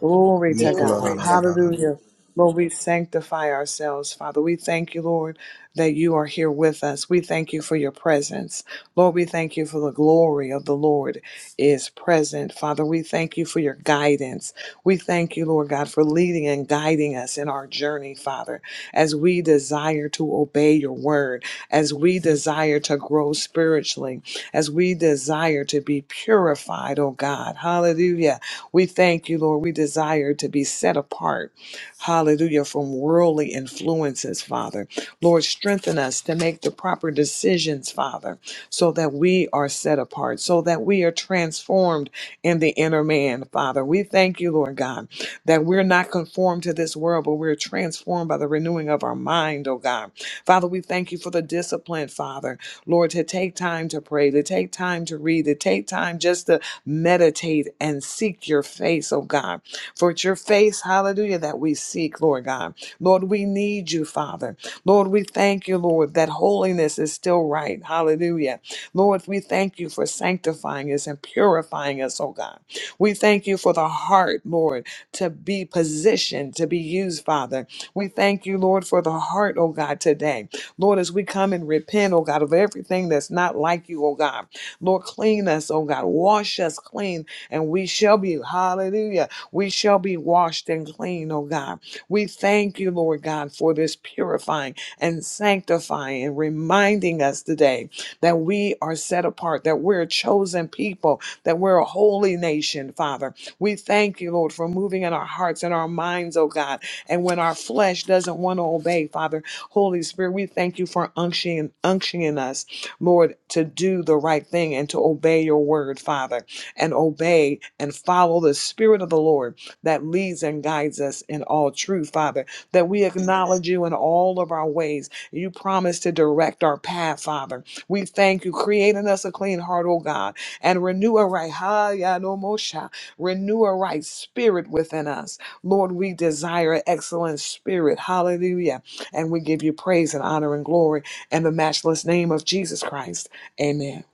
F: Glory to God.
C: Glory to
F: Hallelujah. Lord, we sanctify ourselves, Father. We thank you, Lord, that you are here with us. We thank you for your presence. Lord, we thank you for the glory of the Lord is present. Father, we thank you for your guidance. We thank you, Lord God, for leading and guiding us in our journey, Father, as we desire to obey your word, as we desire to grow spiritually, as we desire to be purified, oh God. Hallelujah we thank you, Lord. We desire to be set apart, hallelujah, from worldly influences, Father. Lord, strengthen us to make the proper decisions, Father, so that we are set apart, so that we are transformed in the inner man, Father. We thank you, Lord God, that we're not conformed to this world, but we're transformed by the renewing of our mind, oh God. Father, we thank you for the discipline, Father. Lord, to take time to pray, to take time to read, to take time just to meditate and seek your face, oh God. For it's your face, hallelujah, that we seek, Lord God. Lord, we need you, Father. Lord, we thank you, Lord, that holiness is still right. Hallelujah. Lord, we thank you for sanctifying us and purifying us, oh God. We thank you for the heart, Lord, to be positioned, to be used, Father. We thank you, Lord, for the heart, oh God, today. Lord, as we come and repent, oh God, of everything that's not like you, oh God. Lord, clean us, oh God. Wash us clean, and we shall be, hallelujah, we shall be washed and clean, oh God. We thank you, Lord God, for this purifying and sanctifying and reminding us today that we are set apart, that we're a chosen people, that we're a holy nation, Father. We thank you, Lord, for moving in our hearts and our minds, oh God. And when our flesh doesn't want to obey, Father, Holy Spirit, we thank you for unctioning, unctioning us, Lord, to do the right thing and to obey your word, Father, and obey and follow the Spirit of the Lord that leads and guides us in all truth, Father, that we acknowledge you in all of our ways. You promise to direct our path, Father. We thank you, creating us a clean heart, O God, and renew a right, ha, ya, no, mo, sha. renew a right spirit within us. Lord, we desire an excellent spirit. Hallelujah and we give you praise and honor and glory in the matchless name of Jesus Christ. Amen.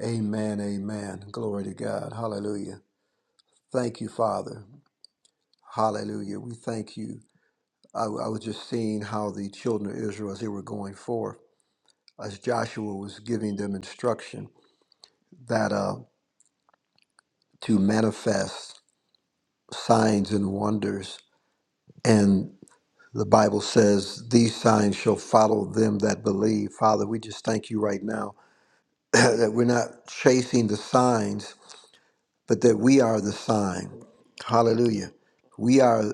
E: Amen. Amen. Glory to God. Hallelujah. Thank you, Father. Hallelujah. We thank you. I, I was just seeing how the children of Israel, as they were going forth, as Joshua was giving them instruction that uh, to manifest signs and wonders The Bible says, These signs shall follow them that believe. Father, we just thank you right now that we're not chasing the signs, but that we are the sign. Hallelujah. We are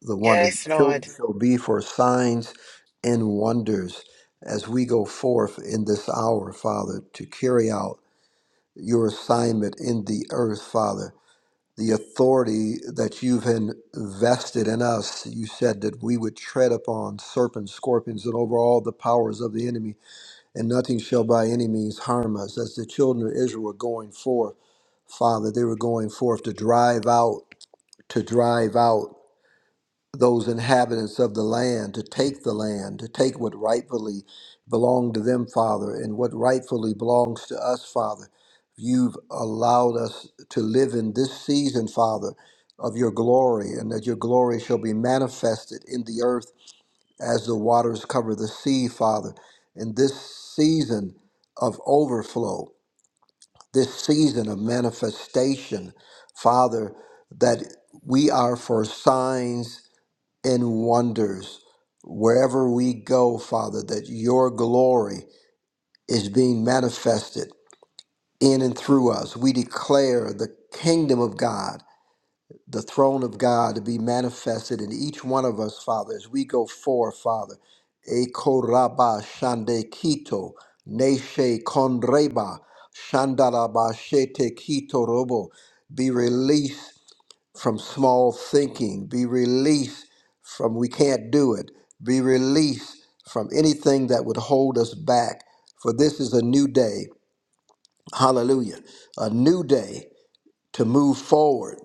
E: the wonder.
D: Yes,
E: Children
D: Lord.
E: shall be for signs and wonders as we go forth in this hour, Father, to carry out your assignment in the earth, Father the authority that you've invested in us. You said that we would tread upon serpents, scorpions, and over all the powers of the enemy, and nothing shall by any means harm us. As the children of Israel were going forth, Father, they were going forth to drive out, to drive out those inhabitants of the land to take the land, to take what rightfully belonged to them, Father, and what rightfully belongs to us, Father. You've allowed us to live in this season, Father, of your glory, and that your glory shall be manifested in the earth as the waters cover the sea, Father. In this season of overflow, this season of manifestation, Father, that we are for signs in wonders wherever we go, Father, that your glory is being manifested in and through us. We declare the kingdom of God, the throne of God to be manifested in each one of us, Father, as we go forth, Father. Ekoraba shande kito, neshe kondreba, shandaraba shete kito robo. Be released from small thinking, be released from we can't do it, be released from anything that would hold us back. For this is a new day, hallelujah, a new day to move forward,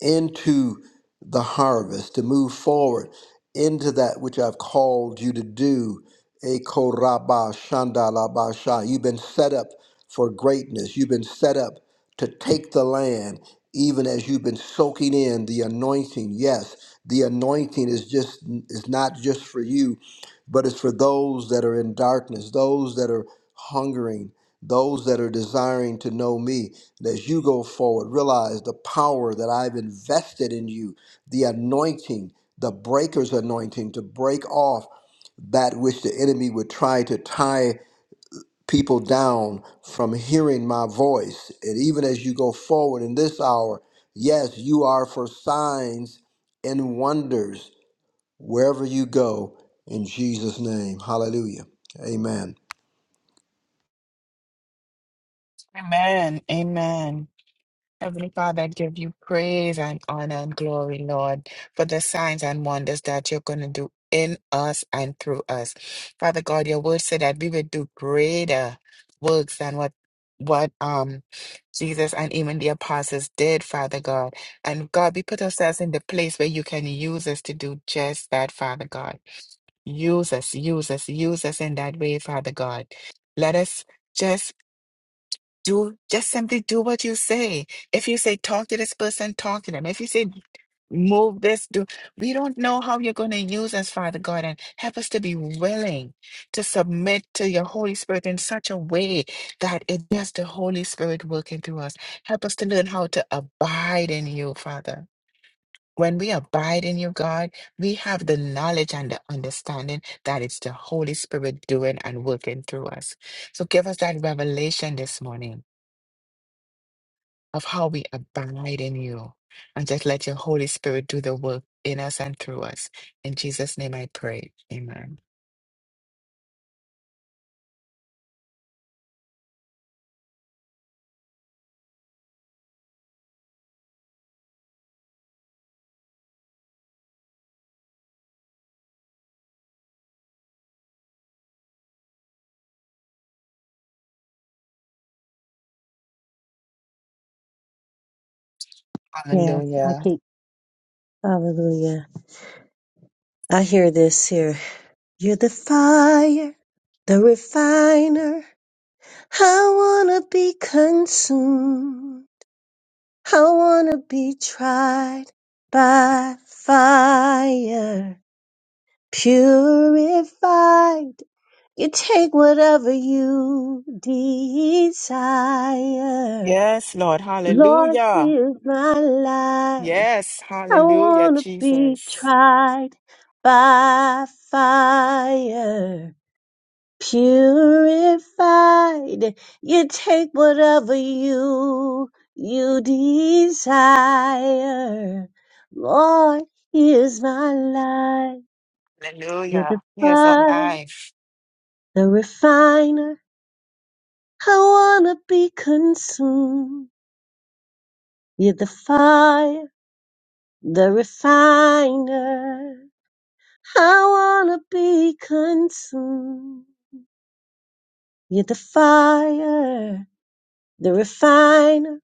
E: into the harvest, to move forward into that which I've called you to do. Eko rabba shanda labba sha. You've been set up for greatness. You've been set up to take the land, even as you've been soaking in the anointing. Yes, the anointing is just is not just for you, but it's for those that are in darkness, those that are hungering, those that are desiring to know me. And as you go forward, realize the power that I've invested in you, the anointing, the breaker's anointing to break off that which the enemy would try to tie people down from hearing my voice. And even as you go forward in this hour, yes, you are for signs and wonders wherever you go in Jesus' name. Hallelujah. Amen.
D: Amen. Amen. Heavenly Father, I give you praise and honor and glory, Lord, for the signs and wonders that you're going to do in us and through us. Father God, your word said that we would do greater works than what what um Jesus and even the apostles did, Father God. And God, we put ourselves in the place where you can use us to do just that, Father God. Use us, use us, use us in that way, Father God. Let us just do just simply do what you say. If you say talk to this person, talk to them. If you say move this, do we don't know how you're going to use us, Father God, and help us to be willing to submit to your Holy Spirit in such a way that it's just the Holy Spirit working through us. Help us to learn how to abide in you, Father. When we abide in you, God, we have the knowledge and the understanding that it's the Holy Spirit doing and working through us. So give us that revelation this morning of how we abide in you. And just let your Holy Spirit do the work in us and through us. In Jesus' name I pray. Amen.
G: Yes, I
D: Hallelujah.
G: keep, hallelujah. I hear this here. You're the fire, the refiner. I wanna be consumed. I wanna be tried by fire, purified. You take whatever you desire.
D: Yes, Lord.
G: Lord,
D: Hallelujah.
G: here's my life.
D: Yes.
G: I
D: Hallelujah,
G: wanna be
D: Jesus.
G: tried by fire, purified. You take whatever you you desire. Lord, here's my life. You're
D: Hallelujah.
G: the
D: Yes, our
G: fire,
D: life.
G: the refiner. I wanna be consumed. You're the fire, the refiner. I wanna be consumed. You're the fire, the refiner.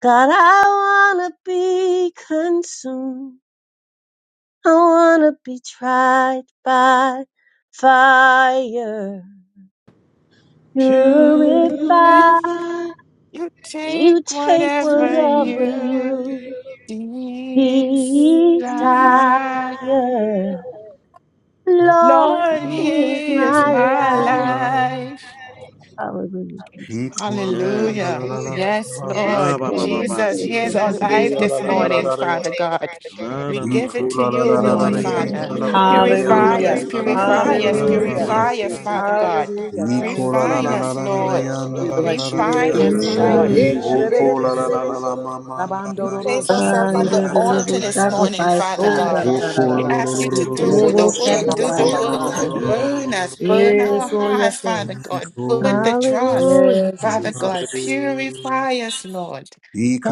G: God, I wanna be consumed. I wanna be tried by fire.
D: Take-
G: Purify.
C: Purify
D: You take
G: You
C: to
G: take
D: whatever
C: take
G: whatever
D: you
C: away
G: you
C: desire.
D: desire.
G: desire. Lord,
D: Lord,
C: Lord,
G: here's
D: here's
G: my
C: here's
D: my
C: the
G: life.
C: right.
D: life.
G: Hallelujah,
E: He
G: Jesus.
E: kora
C: Yes.
E: la
D: Hallelujah.
E: la la la
C: Hallelujah.
D: Yes,
E: ma ma
C: Yes, Ba
D: Lord.
C: ba ba ba Lord.
G: Mm.
E: yam
C: ba.
D: Jesus,
E: do do
D: here's
E: do
D: our
C: Jesus
E: ko
C: is
D: life
E: ya la!
D: this
E: la la
C: alive
E: la
D: morning,
C: this
E: la la!
D: Father
C: morning,
D: God.
C: Father La God.
D: We
C: la la
E: He
C: la
D: give
C: ba
D: it
C: ba.
D: to
C: We
E: kora la
D: you,
E: la
C: give
E: la
C: it
E: la
C: to
D: Lord,
E: la!
C: you,
D: Father.
C: Lord, Father.
E: yam da
D: Purify
E: la
D: us,
F: Hallelujah.
E: la
C: Purify
E: la yam da la la! la la
C: Hallelujah. us,
D: purify
E: yam
C: Ba
E: da
D: us,
E: la la
C: ba purify
E: la!
C: ba
F: Hallelujah.
C: ba.
E: yam
C: us,
D: purify us,
C: City.
E: da.
C: purify
D: Father
C: Kiri us,
D: God.
C: ba. Father
F: Hallelujah.
C: God.
E: He
C: Hallelujah.
F: Thank
E: kora
F: you,
E: la
D: Refine
E: la
F: God.
E: la
C: Thank
D: us,
C: you,
E: la la!
C: Refine
E: la
C: Lord.
D: Lord.
C: us,
E: yam da
F: We
C: Lord.
E: la la la
F: bless
E: la!
F: you.
E: la
C: We bless your
D: Refine
E: yam
C: name,
D: us,
E: da.
C: Refine us,
D: Lord.
C: Eh,
F: Dididosha.
C: God.
E: O
C: Lord. City.
E: ko la
C: Kiri
E: la
F: Inyadidididisi.
C: ba.
E: la la!
C: sa,
E: la
C: la, la,
E: ma
C: la, la.
E: ma na
D: We
E: na na
D: place
E: na na
F: Sabandororosha
D: ourselves on
G: And
E: na
C: Place
D: the
G: we're
E: yam
G: the
C: yourself
F: mamamamaka.
E: da
D: altar
G: living
C: the
E: la
D: this
E: ya.
C: order to
D: morning,
G: sacrifice,
C: this
D: Father
C: morning,
G: God.
D: God.
E: O
C: Father
E: ko
D: We
E: lo
C: God.
E: lo lo
F: Odadadadadadaba.
D: ask
E: lo
D: you
E: lo
D: to
E: lo
C: Ask
E: lo
D: do
C: you
D: the
C: to
G: Living
E: lo.
C: do
F: Sikidididosha
D: work,
E: He
C: the
D: do the
G: sacrifice,
E: kora
C: thing,
E: lo
D: work.
E: lo
C: do
E: lo
C: the
G: Father.
F: mamamamamaka.
E: lo lo lo
C: work.
D: Burn
E: lo lo
D: us,
E: lo lo.
D: burn our
F: Yes, oh,
D: hearts,
F: yes, oh.
D: Father
E: He
D: God.
E: ko
D: Burn
E: ya
D: the dross,
E: ya.
G: Hallelujah,
F: Yes,
D: Father
G: Jesus.
D: God.
F: Jesus.
E: Hallelujah.
D: Purify us, Lord.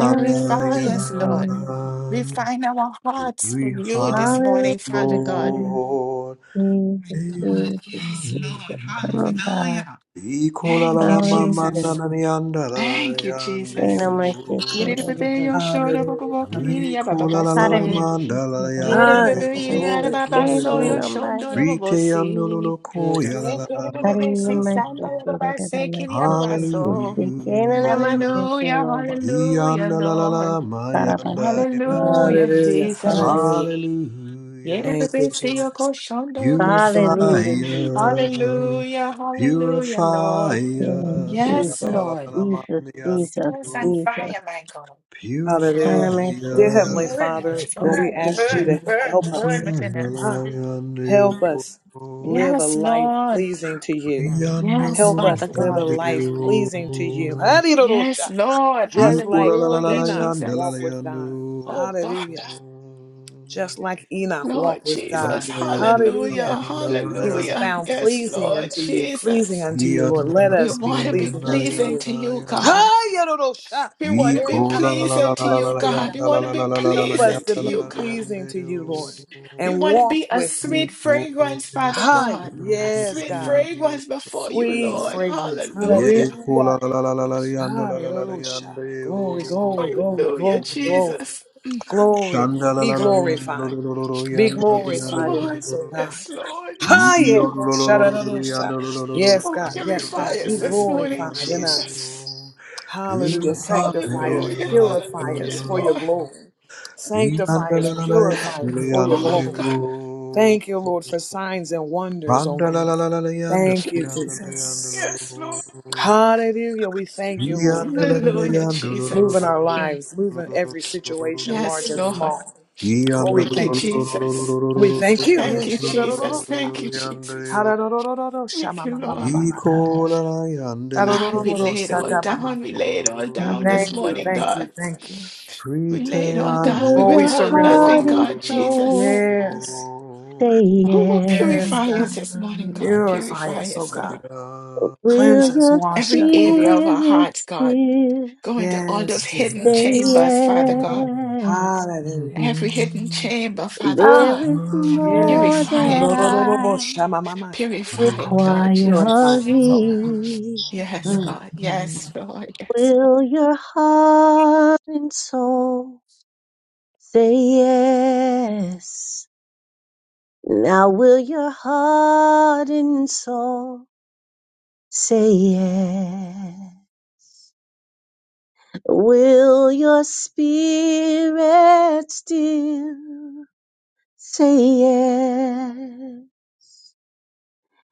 D: Purify us, Lord.
G: Jesus.
D: Refine our hearts for
E: we
D: you this
E: find the
G: Hallelujah,
D: morning, Father God.
G: Jesus.
E: Lord.
D: Oh my
G: Jesus,
D: God.
G: Jesus,
D: Yes, Lord.
G: Jesus. Come on, God.
D: Hallelujah.
E: Ikola la
D: Thank you,
E: la ma ma na
G: Hallelujah.
D: Jesus.
E: na ni anda la la
D: Thank you,
E: yande
G: Ain't
D: Jesus.
G: no my shit,
D: yidi
E: yo.
D: di
G: Kate
D: yo, show, da, ba,
F: Hallelujah. Hallelujah.
E: We
D: ya, ba, ba,
E: kola la la
G: Cara
E: la
G: be
E: ma
G: se
E: da la
G: quiero no
E: yande
D: Yere
F: Hi.
D: bebe
G: tampoco pues
E: yo.
D: yere
G: se
F: Glory,
D: baba
F: glory,
G: quiero
D: so yo
F: glory.
G: no
D: shondo
G: vaya.
D: no bobo
E: Rite
D: si.
E: ando lo lo
D: Yere
E: ko
F: glory.
E: ya la la la
D: bebe
E: ma
G: Cari
D: bebe si
E: ya.
G: más
D: samba
G: se
D: yo
G: quiere
D: baba
G: nada
D: se
G: más
D: kiri ya
G: se
D: baba
G: quiere
D: so.
G: se quiere nada más se
E: Hallelujah.
G: quiere
D: Hallelujah,
G: no va.
D: hallelujah,
E: Yanda la la
D: Lord.
E: la ma
G: Cara pa
E: yanda
G: se
E: ya.
G: quiero
D: Hallelujah,
F: Hallelujah.
D: Jesus.
F: Hallelujah.
E: Hallelujah.
D: Yere
F: Thank you,
D: bebe si yo
F: Jesus.
D: ko shondo yo bobo si.
G: Hallelujah Jesus.
E: Purifier,
D: Hallelujah, hallelujah, Lord.
E: purifier,
G: Yes,
D: Yes,
G: Jesus.
D: Lord.
G: Jesus,
D: Set
G: Jesus,
D: us on
E: Sinalalalamandiandu.
G: Jesus.
D: fire, my God.
F: Hallelujah.
G: Nada más
F: Dear
G: se
E: purifier,
G: quiere
F: Heavenly
D: Burn,
F: Father, Lord,
G: como
F: we
D: burn,
G: se
F: ask you
D: burn,
F: to
D: burn,
F: help
D: burn
F: us.
D: within us.
F: Ah, help
E: Oyandalandiandu.
F: us live a
D: Yes,
F: life
D: Lord.
F: pleasing to you.
E: Riandu,
D: Yes,
F: Help
D: Father
F: us live a
D: God.
F: life pleasing to you.
E: Yandu.
D: Yes,
F: Hallelujah.
D: Lord.
F: Just like
D: Hallelujah,
F: Enoch walked
D: Jesus.
F: with
E: Ikulalalalalayandalandiandu.
F: God.
D: Oh God,
F: Hallelujah. Just like Enoch
D: Lord
F: walked with God.
D: Jesus. Hallelujah.
F: Hallelujah. He was
E: Andayandalandiandu.
D: Hallelujah.
F: found
D: Yes,
F: pleasing
D: Lord
F: unto you, pleasing
D: Jesus.
F: unto you, Lord. Let
D: We
F: us be
D: want to be
F: pleasing unto
D: pleasing
F: you.
D: to you,
E: Yandalandiandu.
D: God.
F: Hi, Yadodosha.
D: We
F: Hey,
D: want to be
E: Iko la la
F: Hadado,
E: la
D: pleasing
E: la
F: Help
E: la
D: to
E: la la
F: us,
D: you,
E: la
F: Lord
D: God.
F: God.
D: We
E: yanda la
D: want to
E: la la
D: be
E: la la la
F: Help
E: la
F: us
D: pleasing
F: to
D: to
E: yanda la
F: be
D: you,
E: la
D: God.
E: yanda
F: pleasing to you,
E: yo.
F: Lord,
D: We
F: and
D: want to
F: walk
D: be a
F: with you.
D: sweet
E: Iko
D: fragrance, Father
F: Hi,
D: God. A
F: yes,
D: sweet
F: God.
E: yanda.
D: fragrance before you,
F: Sweet
D: Lord.
F: fragrance.
D: Hallelujah.
E: Ye ko la
F: Hallelujah.
E: la la la la la yanda la la la la
F: Hallelujah.
E: yanda yo.
F: Glory, glory, glory,
D: Hallelujah,
F: glory, glory.
D: Jesus.
F: Glory,
E: Shanda
F: Lord.
E: la
F: Be
E: la la yanda lo
F: glorified.
E: lo lo lo
F: Be
E: yanda lo
D: Yes,
E: yanda
F: glorified
E: lo
F: in
E: lo
D: Lord.
F: us, oh
E: lo lo.
F: God.
D: Yes, Lord. Yes,
F: Hi, yeah.
E: Yo
F: Oh,
E: lo lo lo lo lo
F: shadadadosha.
E: yanda lo lo lo lo
F: Yes,
D: Oh,
F: God.
E: yanda lo
F: Yes,
E: lo
D: purify
E: lo
F: God. Be
D: us this
F: glorified
D: morning,
E: yanda
F: in
E: lo
F: us.
D: Jesus.
E: yanda. Here
F: Hallelujah. Sanctify us,
D: Hallelujah,
E: I
F: purify
D: hallelujah,
F: us for
E: am.
F: your
D: Lord.
F: glory. Sanctify us, purify us for your
D: Oh,
F: glory.
D: God,
F: Thank you, Lord, for signs and wonders, oh God. Thank you, Jesus.
D: yes, Lord.
F: Hallelujah. We thank you, Lord.
D: Hallelujah,
F: Moving
D: Jesus.
F: our
D: Mm.
F: lives, moving every situation, large
D: Yes,
F: and
D: Lord.
F: small. Oh, we
D: Thank you,
F: thank you.
D: Jesus.
F: We thank you.
D: Thank
F: Hey,
D: you, Jesus. Thank you, Jesus.
E: Yandele
D: Thank you, Lord. God, we lay it all down. We lay it all down this
F: Thank you,
D: morning,
G: quiere.
F: thank
D: God.
F: you, thank you.
D: We lay it all down. We
G: Will
F: Oh, we
G: your
D: withhold
F: surrender
D: nothing,
F: all.
G: heart and
D: God, Jesus.
G: soul
F: Yes,
G: say
D: Who will
G: yes?
F: yes,
D: purify
F: God.
D: us this morning, God?
F: Purify
D: Purify
F: us, oh
D: us,
F: God.
D: Lord
G: Will
F: Cleanse us,
G: your
F: wash
D: every
F: us, oh
D: area
F: God.
D: of our
G: spirit
D: hearts, God.
G: still
D: going to all those
F: Yes,
D: hidden
G: say
F: Jesus.
D: chambers, Father God.
G: yes?
F: Hallelujah.
D: Every hidden chamber, Father
F: Ah,
G: There
D: God.
G: is more
F: yes.
D: Purify
G: that
D: it, Lord.
G: I
F: Ro-ro-ro-ro-ro-shamamamaka.
D: Purify it, Lord
F: Purify
G: require of
D: Jesus.
F: us, oh God.
G: thee.
D: Yes,
F: Mm.
D: God.
F: mm.
D: Yes, Lord. Yes, Lord.
G: Will your heart and soul say yes? Now will your heart and soul say yes? Will your spirit still? Say yeah.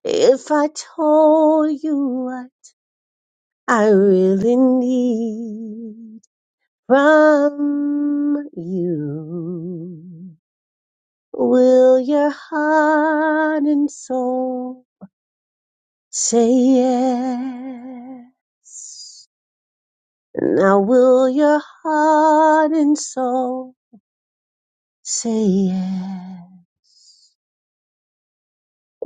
G: If I told you what I really need from you, will your heart and soul say yes? Now will your heart and soul say yes?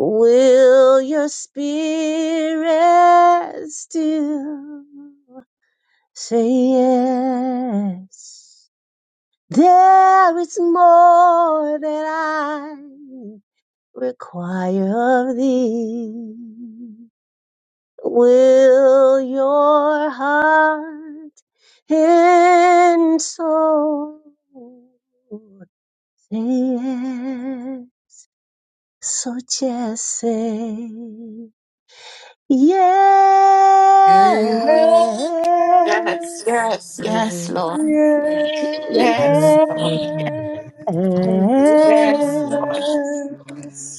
G: Will your spirit still? Say yes. There is more that I require of thee. Will your heart and soul say yes? So just say yes.
F: Yes,
D: Yes,
F: yes,
D: yes, yes, Lord.
F: yes,
E: Yeah.
G: Yes.
D: Yes, Lord. Yes, yes,
G: Eh,
D: Lord.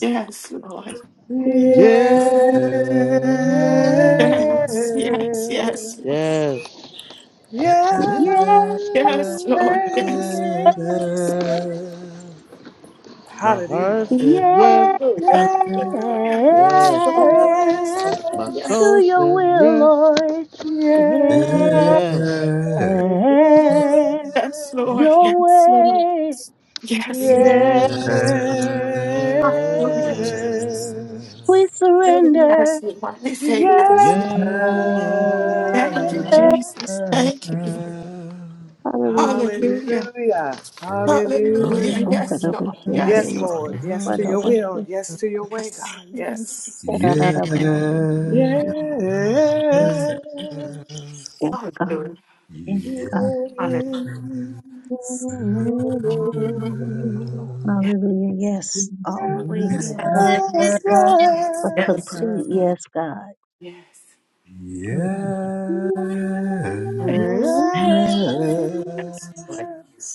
D: Yes, Lord.
C: Yes.
G: Yeah,
D: Yes, yes,
F: yes.
D: yes.
C: Yeah.
F: Yeah.
G: yeah,
C: Yes.
D: Yes, Lord.
C: Yeah.
D: Yes. yes.
C: My heart
F: Hallelujah.
C: says yes.
F: Yes.
D: Hallelujah.
G: yeah,
D: Hallelujah. Yes,
C: Yes.
D: Lord. Yes.
G: yes,
C: My
G: to
D: Yes.
C: soul
G: your
C: says
G: will,
C: yes.
G: Lord.
F: Yes.
G: Yeah,
C: Yes.
F: Yes.
D: Yes, Lord.
G: your
D: Yes, Lord.
G: way.
D: Yes, Lord.
G: Yeah,
C: Yeah.
D: Hallelujah, Jesus.
G: we
D: Say
G: surrender.
D: Yes, Lord. I say yes.
F: Yes.
D: Thank you,
C: Yeah.
G: Yeah.
D: Jesus. Thank you.
G: Hallelujah, Jesus.
D: Hallelujah.
F: Hallelujah. Hallelujah.
D: Hallelujah.
G: Oh God,
D: Yes,
G: I'm I'm I'm
D: Lord. Yes,
F: Yes,
D: Lord.
F: Lord.
G: Unkarabashakeno,
F: Yes to your will.
G: Badabashake,
F: Yes to your way,
D: Yes.
F: God.
D: Yes.
F: Yes.
G: Dadadabashake, Yes, yes,
F: Yes.
D: yes.
G: yes,
D: Hallelujah.
G: God. yes,
E: Yeah.
G: God.
D: Hallelujah.
H: Yes.
F: Yes.
H: Lord. Yes, Lord.
F: Oh,
D: Yes.
G: Hallelujah. Yes. All the way.
F: yes,
G: Yes.
D: Yes. Yes.
F: yes,
G: A
D: Yes.
F: yes.
G: complete yes, God.
D: Yes.
G: Mm.
F: Yes.
D: Yes. Lord.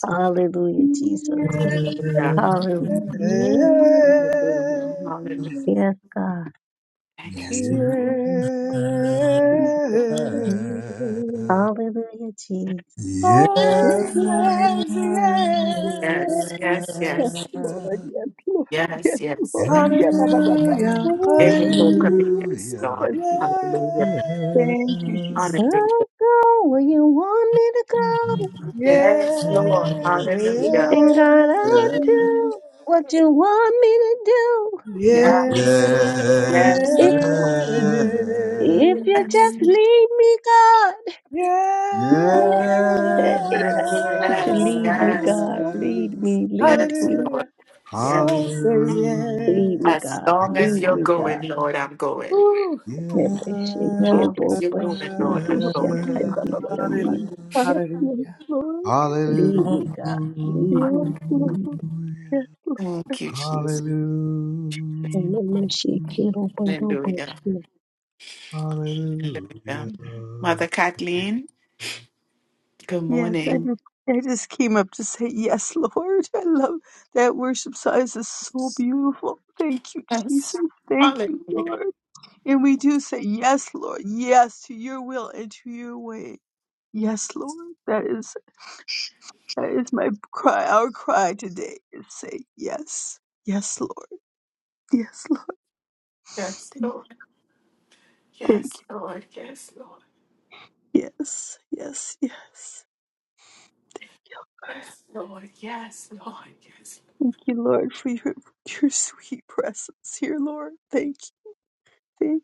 G: Hallelujah, Jesus.
D: Hallelujah.
G: Hallelujah, Jesus.
D: Hallelujah. Hallelujah.
G: Yes, God.
D: Thank you,
H: Yes,
F: Yes.
D: Jesus.
F: Yes.
G: Hallelujah, Jesus.
F: Oh,
G: Yes,
F: yes, yeah.
D: Yes, yes, yes.
H: Lord. Yes,
D: Yes, yes,
H: Lord.
D: yes.
H: Yeah, ba, ba, ba, ka.
F: Hallelujah,
D: Every hope
F: hallelujah.
D: of it, yes,
H: Yes,
D: Lord.
H: Lord.
D: Hallelujah.
H: Thank you, Jesus.
G: I'll
D: Hallelujah.
G: go where you want me to go.
D: Yes, Lord.
F: Yes,
E: Hallelujah.
D: Hallelujah.
G: And God, I'll do what you want me to do.
F: yes,
E: Yeah.
D: Yes, Lord. Yes,
G: If,
D: Lord.
G: if you
F: yes,
D: Yes.
G: just lead me, God.
F: yes.
D: Yes,
G: Hey, to
D: yes,
G: lead me,
D: yes,
G: God. Lead
E: Yes.
G: me, lead
D: yes,
G: me.
D: Lord.
F: Hallelujah. Soul
D: Yes.
F: says
E: Hallelujah.
G: Lead me,
D: As
F: yes.
G: God.
D: long as
E: Yes.
G: Lead
D: you're
G: me,
D: going,
G: God.
D: Lord, I'm going.
F: Woo.
G: Lead me,
D: As
H: Yes,
D: long
H: Lord.
D: as you're going, Lord, I'm going.
H: Yeah, ba, ba, ba, ba.
D: Hallelujah.
F: Hallelujah,
H: I have yes,
F: hallelujah,
H: Lord.
G: God.
E: Hallelujah.
G: Lead
D: Hallelujah.
H: Yes,
G: me.
H: Lord. Yes, Lord.
D: Thank you, Jesus.
E: Hallelujah.
G: Lead me.
D: Hallelujah.
E: Hallelujah.
D: Hallelujah. Mother Kathleen, good
H: Yes, I
D: morning.
H: just, I just came up to say yes, Lord. I love that worship size is so beautiful. Thank you, Jesus.
D: Yes.
H: Thank you,
D: Hallelujah.
H: Lord. And we do say yes, Lord. Yes to your will and to your way. Yes, Lord. That is. That is my cry. Our cry today is say yes, yes, Lord, yes, Lord.
D: Yes,
H: Thank
D: Lord.
H: thank you.
D: Yes, Lord. Yes, Lord.
H: Yes, yes, yes.
D: Yes, Lord. Yes, Lord. Yes,
H: Thank you, Lord, for your your sweet presence here, Lord. Thank you, thank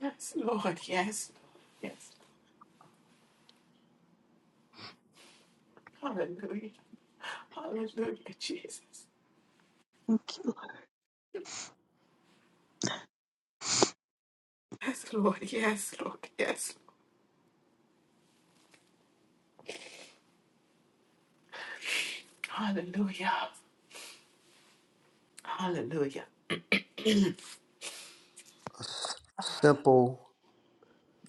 D: yes, Lord. Yes, Lord. yes. Hallelujah. Hallelujah, Jesus.
H: you, thank you,
D: Yes, Lord. Yes, Lord. Yes. Hallelujah. Hallelujah.
E: Simple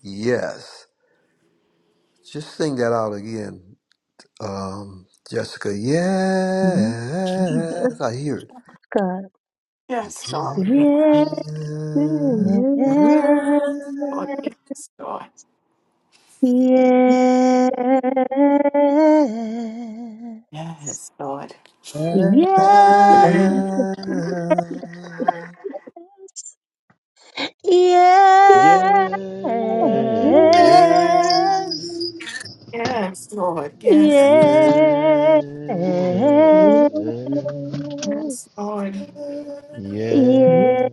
E: yes. Just sing that out again, um, Jessica. Yes,
H: Lord.
E: I hear it.
G: God.
D: Yes, Lord.
G: Yeah.
F: Yeah.
G: Yeah.
D: Lord.
H: Mhm.
D: Yes, Lord.
G: Yeah,
D: Yes, Lord.
C: Yeah, yeah,
D: Yes, Lord.
G: yeah,
D: Yes, Lord.
C: yeah,
G: yeah,
H: Yes,
G: yeah.
H: Lord.
D: Yes, Lord.
C: yeah, yeah.
G: Yeah,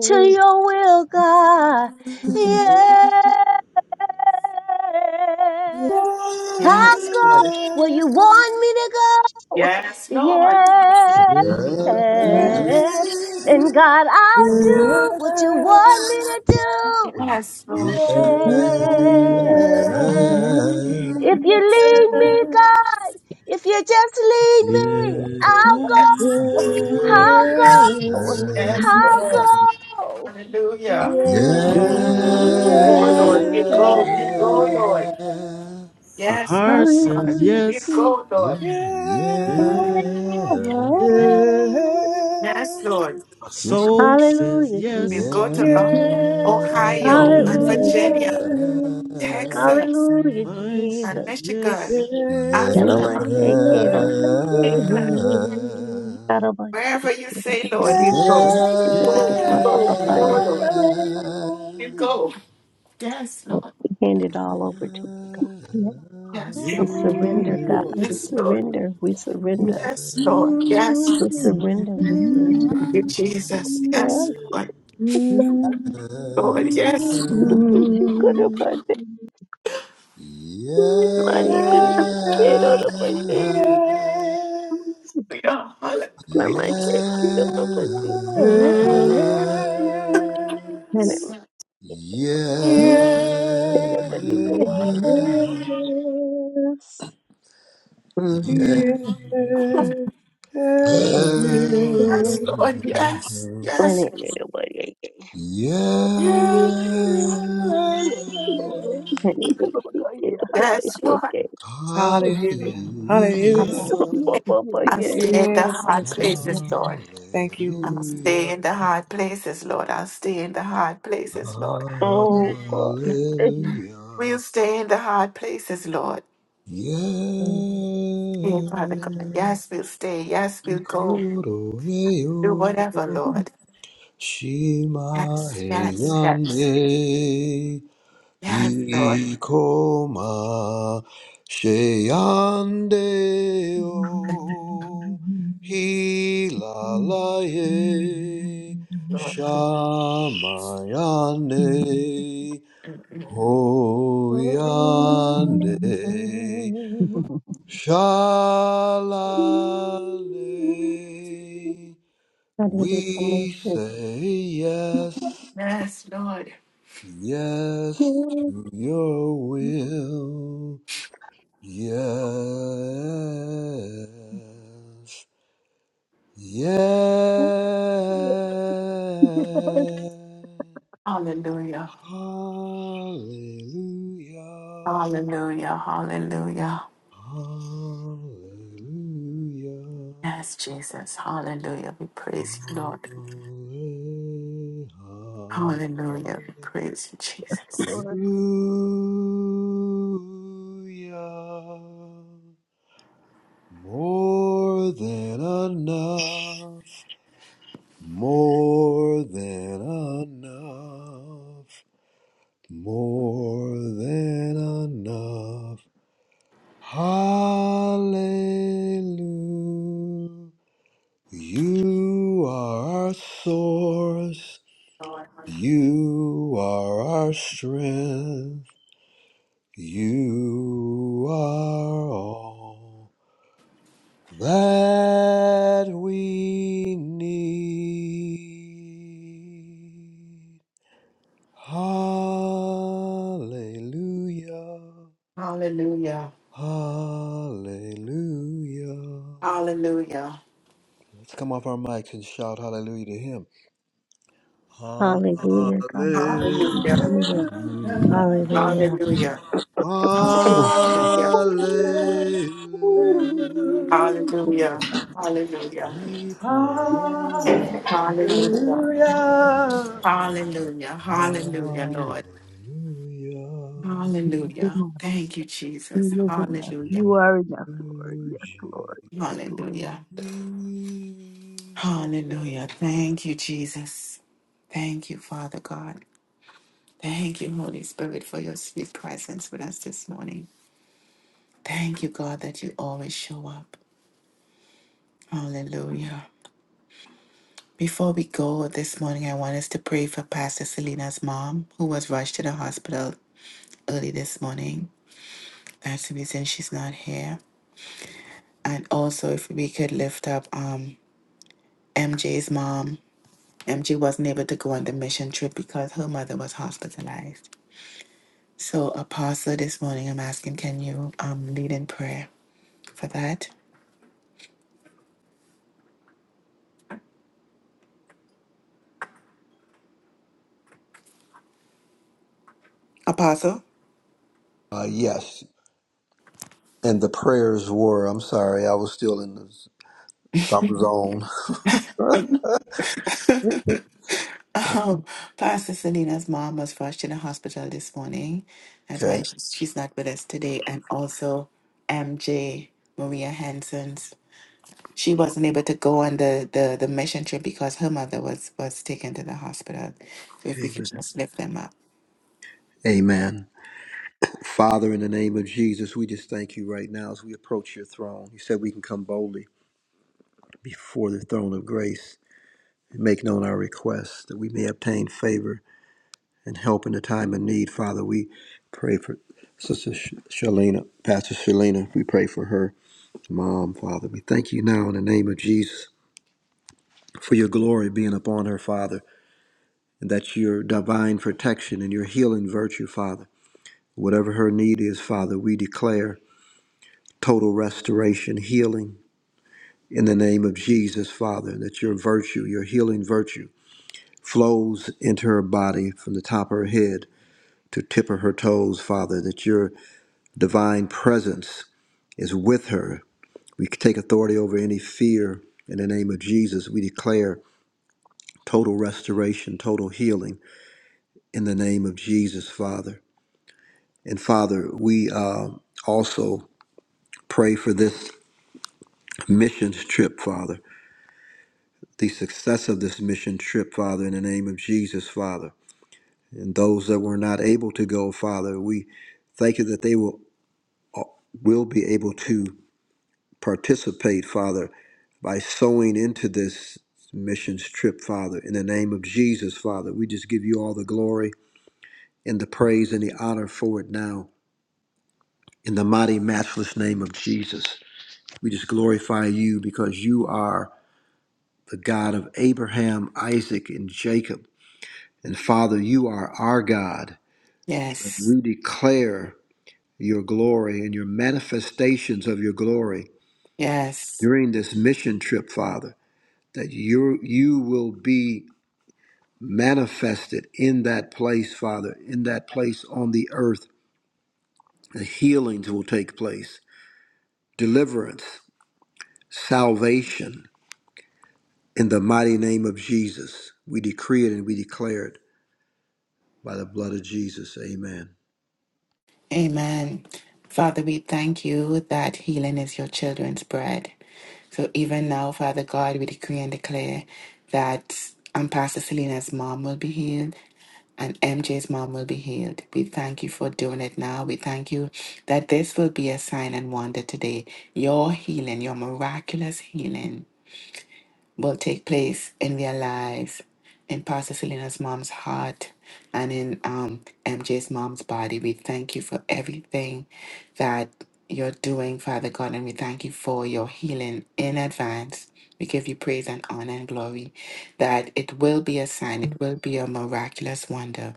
G: to your will, God. Yes, I'll
D: Yes,
G: go
D: Lord.
G: where you want me to go.
D: Yes, Lord.
G: Yes. And God, I'll do what you want me to do.
D: Yes, Lord.
G: Yes. If you
D: Yes,
G: lead
D: Lord.
G: me, God, if you just lead me, I'll
D: Yes,
G: go. I'll go.
E: Yes.
D: yes, Lord.
G: I'll go.
D: Hallelujah.
E: Yeah.
C: yeah.
D: Go, Lord. We go. We go, Lord.
C: My
D: Yes,
C: heart
D: my
C: says
D: God. We
G: Yes.
C: yes,
D: go, Lord.
E: Yeah.
F: Yeah.
C: yeah.
F: Yeah.
D: Yes, Lord.
C: My
E: Just
C: soul says
G: Hallelujah,
D: We
C: yes,
G: Jesus.
D: go to uh,
F: Yeah.
E: yeah.
D: Ohio and
C: yeah.
G: Hallelujah,
D: Virginia,
G: Jesus.
E: Yeah.
D: Texas
G: Hallelujah,
C: Mine
D: and
C: says
G: Jesus.
C: yes,
D: Michigan, Africa,
G: Yanomashake it up.
D: England.
G: Karabashake
D: Wherever you
G: it
D: say, Lord, we go.
G: up.
C: yeah,
D: Go,
G: My
D: go,
G: papaya.
D: go, Lord. you go. Yes,
G: We
D: Lord.
G: hand it all over to you.
D: Yes,
G: We
D: Lord.
G: surrender,
C: yeah,
G: God. We
D: Yes, Lord.
G: surrender. We
H: Yeah.
G: surrender.
D: Yes, Lord. Yes, Lord.
G: We
D: Thank
G: surrender.
H: Yes, Yes, Lord. Yes, Lord. Yes,
G: We surrender.
D: you, Jesus.
C: yeah.
G: Ah,
D: Yes, Lord. Lord, yes,
G: Karabashake it up.
F: Yeah.
G: Money be shaken
F: Yeah.
G: out of my day.
F: yeah.
D: Lord. Yeah, hallelujah.
G: Mama shake
E: Yeah.
G: it out of my day.
F: Yes,
E: Yeah.
G: And it was
F: yes,
E: Yeah.
G: it up
F: yes,
G: in the bed.
E: Yeah.
F: yes. yes.
G: Mm-hmm.
D: Yes, Lord. Yes,
G: And
D: yes,
G: it ain't nobody.
E: Yeah.
G: Honey, bee, she get to the best
D: yes,
G: she
D: Lord.
G: can.
E: Hallelujah.
F: Hallelujah,
D: I'm,
F: hallelujah.
G: Ba,
H: Lord.
G: ba, ba,
H: Yes,
D: I'm
H: Lord.
D: staying
G: yay.
D: in the
F: Yes,
D: hard
F: yes, Lord, yes.
D: places, Lord.
F: Lord. Thank you,
D: I'm staying
E: Hallelujah.
D: in the hard places, Lord. I'll stay in the hard places, Lord.
H: Yes,
G: Oh, God.
H: Lord.
E: Hallelujah.
D: We'll stay in the hard places, Lord.
E: Yeah.
D: Hey, Father God. Yes, we'll stay. Yes, we'll go.
E: Koro
D: Do
E: eyo.
D: whatever, Lord.
E: Shima
D: Yes,
E: e
D: yes, yes,
E: yane.
D: yes, Lord,
E: Ikoma sheyande
H: Lord.
E: o hilalaye
D: Lord.
E: shamayane
D: Mm-mm.
E: hoyande shalane.
G: Hallelujah,
E: We say yes,
D: Yes, Lord.
E: yes to your will. Yes. Yes.
D: Hallelujah,
E: Hallelujah.
D: hallelujah, hallelujah.
E: Hallelujah.
D: Yes, Jesus, hallelujah. We praise you, Lord. Hallelujah, we praise you, Jesus.
E: Hallelujah. More than enough. More than enough. More than enough. Hallelujah. You are our source.
D: Lord,
E: You are our strength. You are all that we need. Hallelujah.
D: hallelujah,
E: Hallelujah.
D: hallelujah,
E: Let's come off our mics and shout hallelujah to him. Hallelujah.
G: God.
F: Lord.
D: hallelujah,
G: Hallelujah. Hallelujah.
D: hallelujah, hallelujah,
E: Hallelujah.
D: hallelujah, hallelujah, hallelujah,
F: Hallelujah.
D: hallelujah, hallelujah, Lord.
E: Hallelujah.
D: Hallelujah. Thank you, Jesus. Hallelujah.
H: You are enough,
E: Uh,
H: Lord. You are enough, Lord. Yes, Lord. Yes, Lord.
D: Hallelujah. Hallelujah. Thank you, Jesus. Thank you, Father God. Thank you, Holy Spirit, for your sweet presence with us this morning. Thank you, God, that you always show up. Hallelujah. Before we go this morning, I want us to pray for Pastor Selena's mom, who was rushed to the hospital early this morning. That's the reason she's not here. And also, if we could lift up um, MJ's mom MG wasn't able to go on the mission trip because her mother was hospitalized. So, Apostle, this morning I'm asking, can you um, lead in prayer for that? Apostle?
E: yes. And the prayers were, I'm sorry, I was still in the, some zone.
D: um, Pastor Selena's mom was rushed to the hospital this morning. That's why
E: okay.
D: she's, she's not with us today. And also, MJ, Maria Hansen's. She wasn't able to go on the, the, the mission trip because her mother was, was taken to the hospital. So if we could
E: Amen.
D: just lift them up.
E: Amen. Father, in the name of Jesus, we just thank you right now as we approach your throne. You said we can come boldly before the throne of grace and make known our requests that we may obtain favor and help in the time of need. Father, we pray for Sister Sh- Shalina, Pastor Shalina, we pray for her Mom, Father, we thank you now in the name of Jesus for your glory being upon her, Father, and that your divine protection and your healing virtue, Father. Whatever her need is, Father, we declare total restoration, healing in the name of Jesus, Father, that your virtue, your healing virtue, flows into her body from the top of her head to tip of her toes, Father, that your divine presence is with her. We take authority over any fear in the name of Jesus. We declare total restoration, total healing in the name of Jesus, Father. And Father, we uh, also pray for this missions trip, Father, the success of this mission trip, Father, in the name of Jesus, Father. And those that were not able to go, Father, we thank you that they will, will be able to participate, Father, by sowing into this missions trip, Father. In the name of Jesus, Father, we just give you all the glory and the praise and the honor for it now In the mighty, matchless name of Jesus, we just glorify you because you are the God of Abraham, Isaac, and Jacob. And Father, you are our God.
D: Yes.
E: We declare your glory and your manifestations of your glory
D: Yes.
E: during this mission trip, Father, that you you will be manifested in that place, Father, in that place on the earth. The healings will take place, deliverance, salvation, In the mighty name of Jesus, we decree it and we declare it by the blood of Jesus. Amen.
D: Amen. Father, we thank you that healing is your children's bread. So even now, Father God, we decree and declare that um, Pastor Selena's mom will be healed and MJ's mom will be healed. We thank you for doing it now. We thank you that this will be a sign and wonder today. Your healing, your miraculous healing will take place in their lives, in Pastor Selena's mom's heart, and in um, MJ's mom's body. We thank you for everything that you're doing, Father God, and we thank you for your healing in advance. We give you praise and honor and glory that it will be a sign, it will be a miraculous wonder.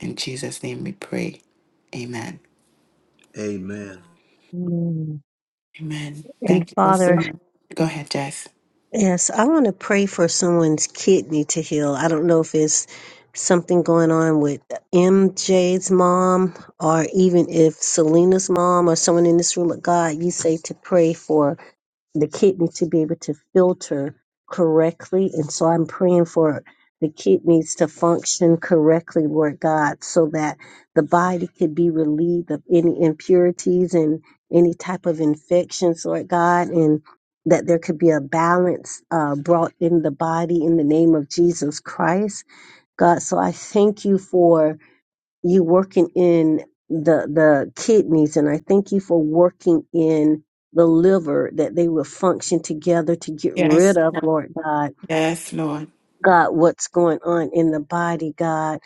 D: In Jesus' name we pray. Amen.
E: Amen.
G: Mm.
D: Amen.
G: And
D: Thank you Pastor. so
G: Father,
D: Go ahead, Jess.
G: yes, I want to pray for someone's kidney to heal. I don't know if it's something going on with MJ's mom or even if Selena's mom or someone in this room. But God, you say to pray for the kidney to be able to filter correctly. And so I'm praying for the kidneys to function correctly, Lord God, so that the body could be relieved of any impurities and any type of infections, Lord God, and that there could be a balance uh, brought in the body in the name of Jesus Christ, God. So I thank you for you working in the the kidneys and I thank you for working in the liver that they will function together to get rid
D: Yes.
G: of, Lord God.
D: Yes, Lord.
G: God, what's going on in the body, God?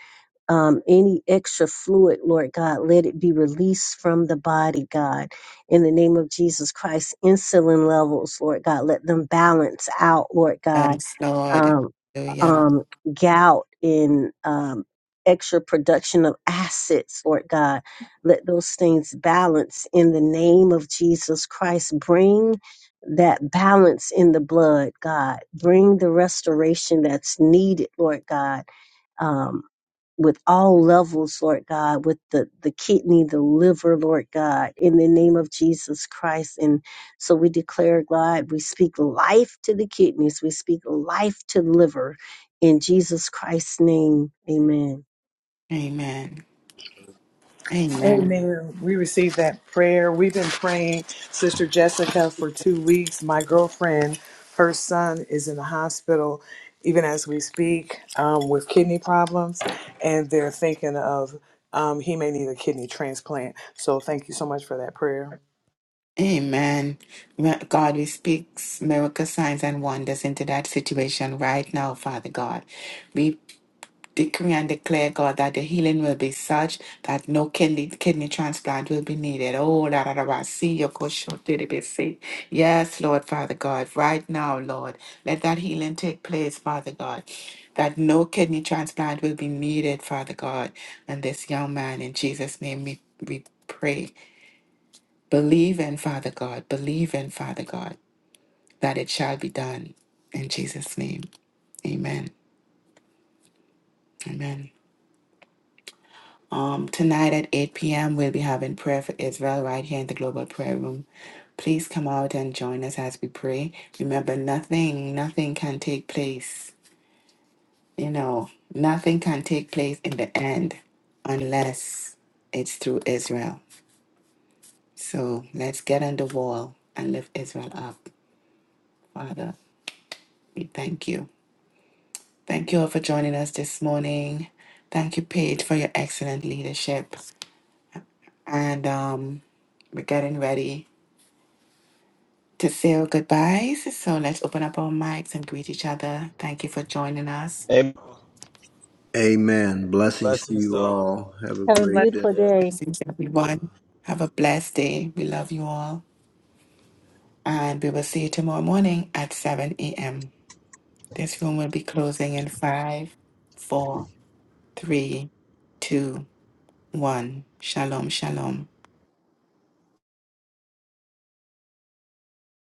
G: Um, any extra fluid, Lord God, let it be released from the body, God. In the name of Jesus Christ, insulin levels, Lord God, let them balance out, Lord God
D: Yes, Lord.
G: um,
D: Hallelujah.
G: um, gout and um, extra production of acids, Lord God. Let those things balance in the name of Jesus Christ. Bring that balance in the blood, God. Bring the restoration that's needed, Lord God. Um, with all levels, Lord God, with the, the kidney, the liver, Lord God, in the name of Jesus Christ. And so we declare, God, we speak life to the kidneys, we speak life to the liver. In Jesus Christ's name, amen.
D: Amen. Amen.
F: Amen. We received that prayer. We've been praying, Sister Jessica, for two weeks. My girlfriend, her son is in the hospital, even as we speak, um, with kidney problems, and they're thinking of um, he may need a kidney transplant. So thank you so much for that prayer.
D: Amen. Ma- God, we speak miracle signs and wonders into that situation right now, Father God. We decree and declare, God, that the healing will be such that no kidney, kidney transplant will be needed. Oh, da da da da. See your see. Yes, Lord, Father God, right now, Lord, let that healing take place, Father God. That no kidney transplant will be needed, Father God. And this young man, in Jesus' name, we, we pray. Believe in Father God, believe in Father God that it shall be done. In Jesus' name, amen. Amen. Um, tonight at 8 p.m., we'll be having prayer for Israel right here in the Global Prayer Room. Please come out and join us as we pray. Remember, nothing, nothing can take place. You know, nothing can take place in the end unless it's through Israel. So let's get on the wall and lift Israel up. Father, we thank you. Thank you all for joining us this morning. Thank you, Paige, for your excellent leadership. And um, we're getting ready to say our goodbyes. So let's open up our mics and greet each other. Thank you for joining us.
E: Amen. Blessings to
C: Blessings to
E: you
C: all.
E: all. Have a
G: Have a
E: great day.
G: beautiful
C: Yeah.
G: day.
D: Blessings, everyone. Have a blessed day. We love you all. And we will see you tomorrow morning at 7 a.m. This room will be closing in five, four, three, two, one. Shalom, shalom.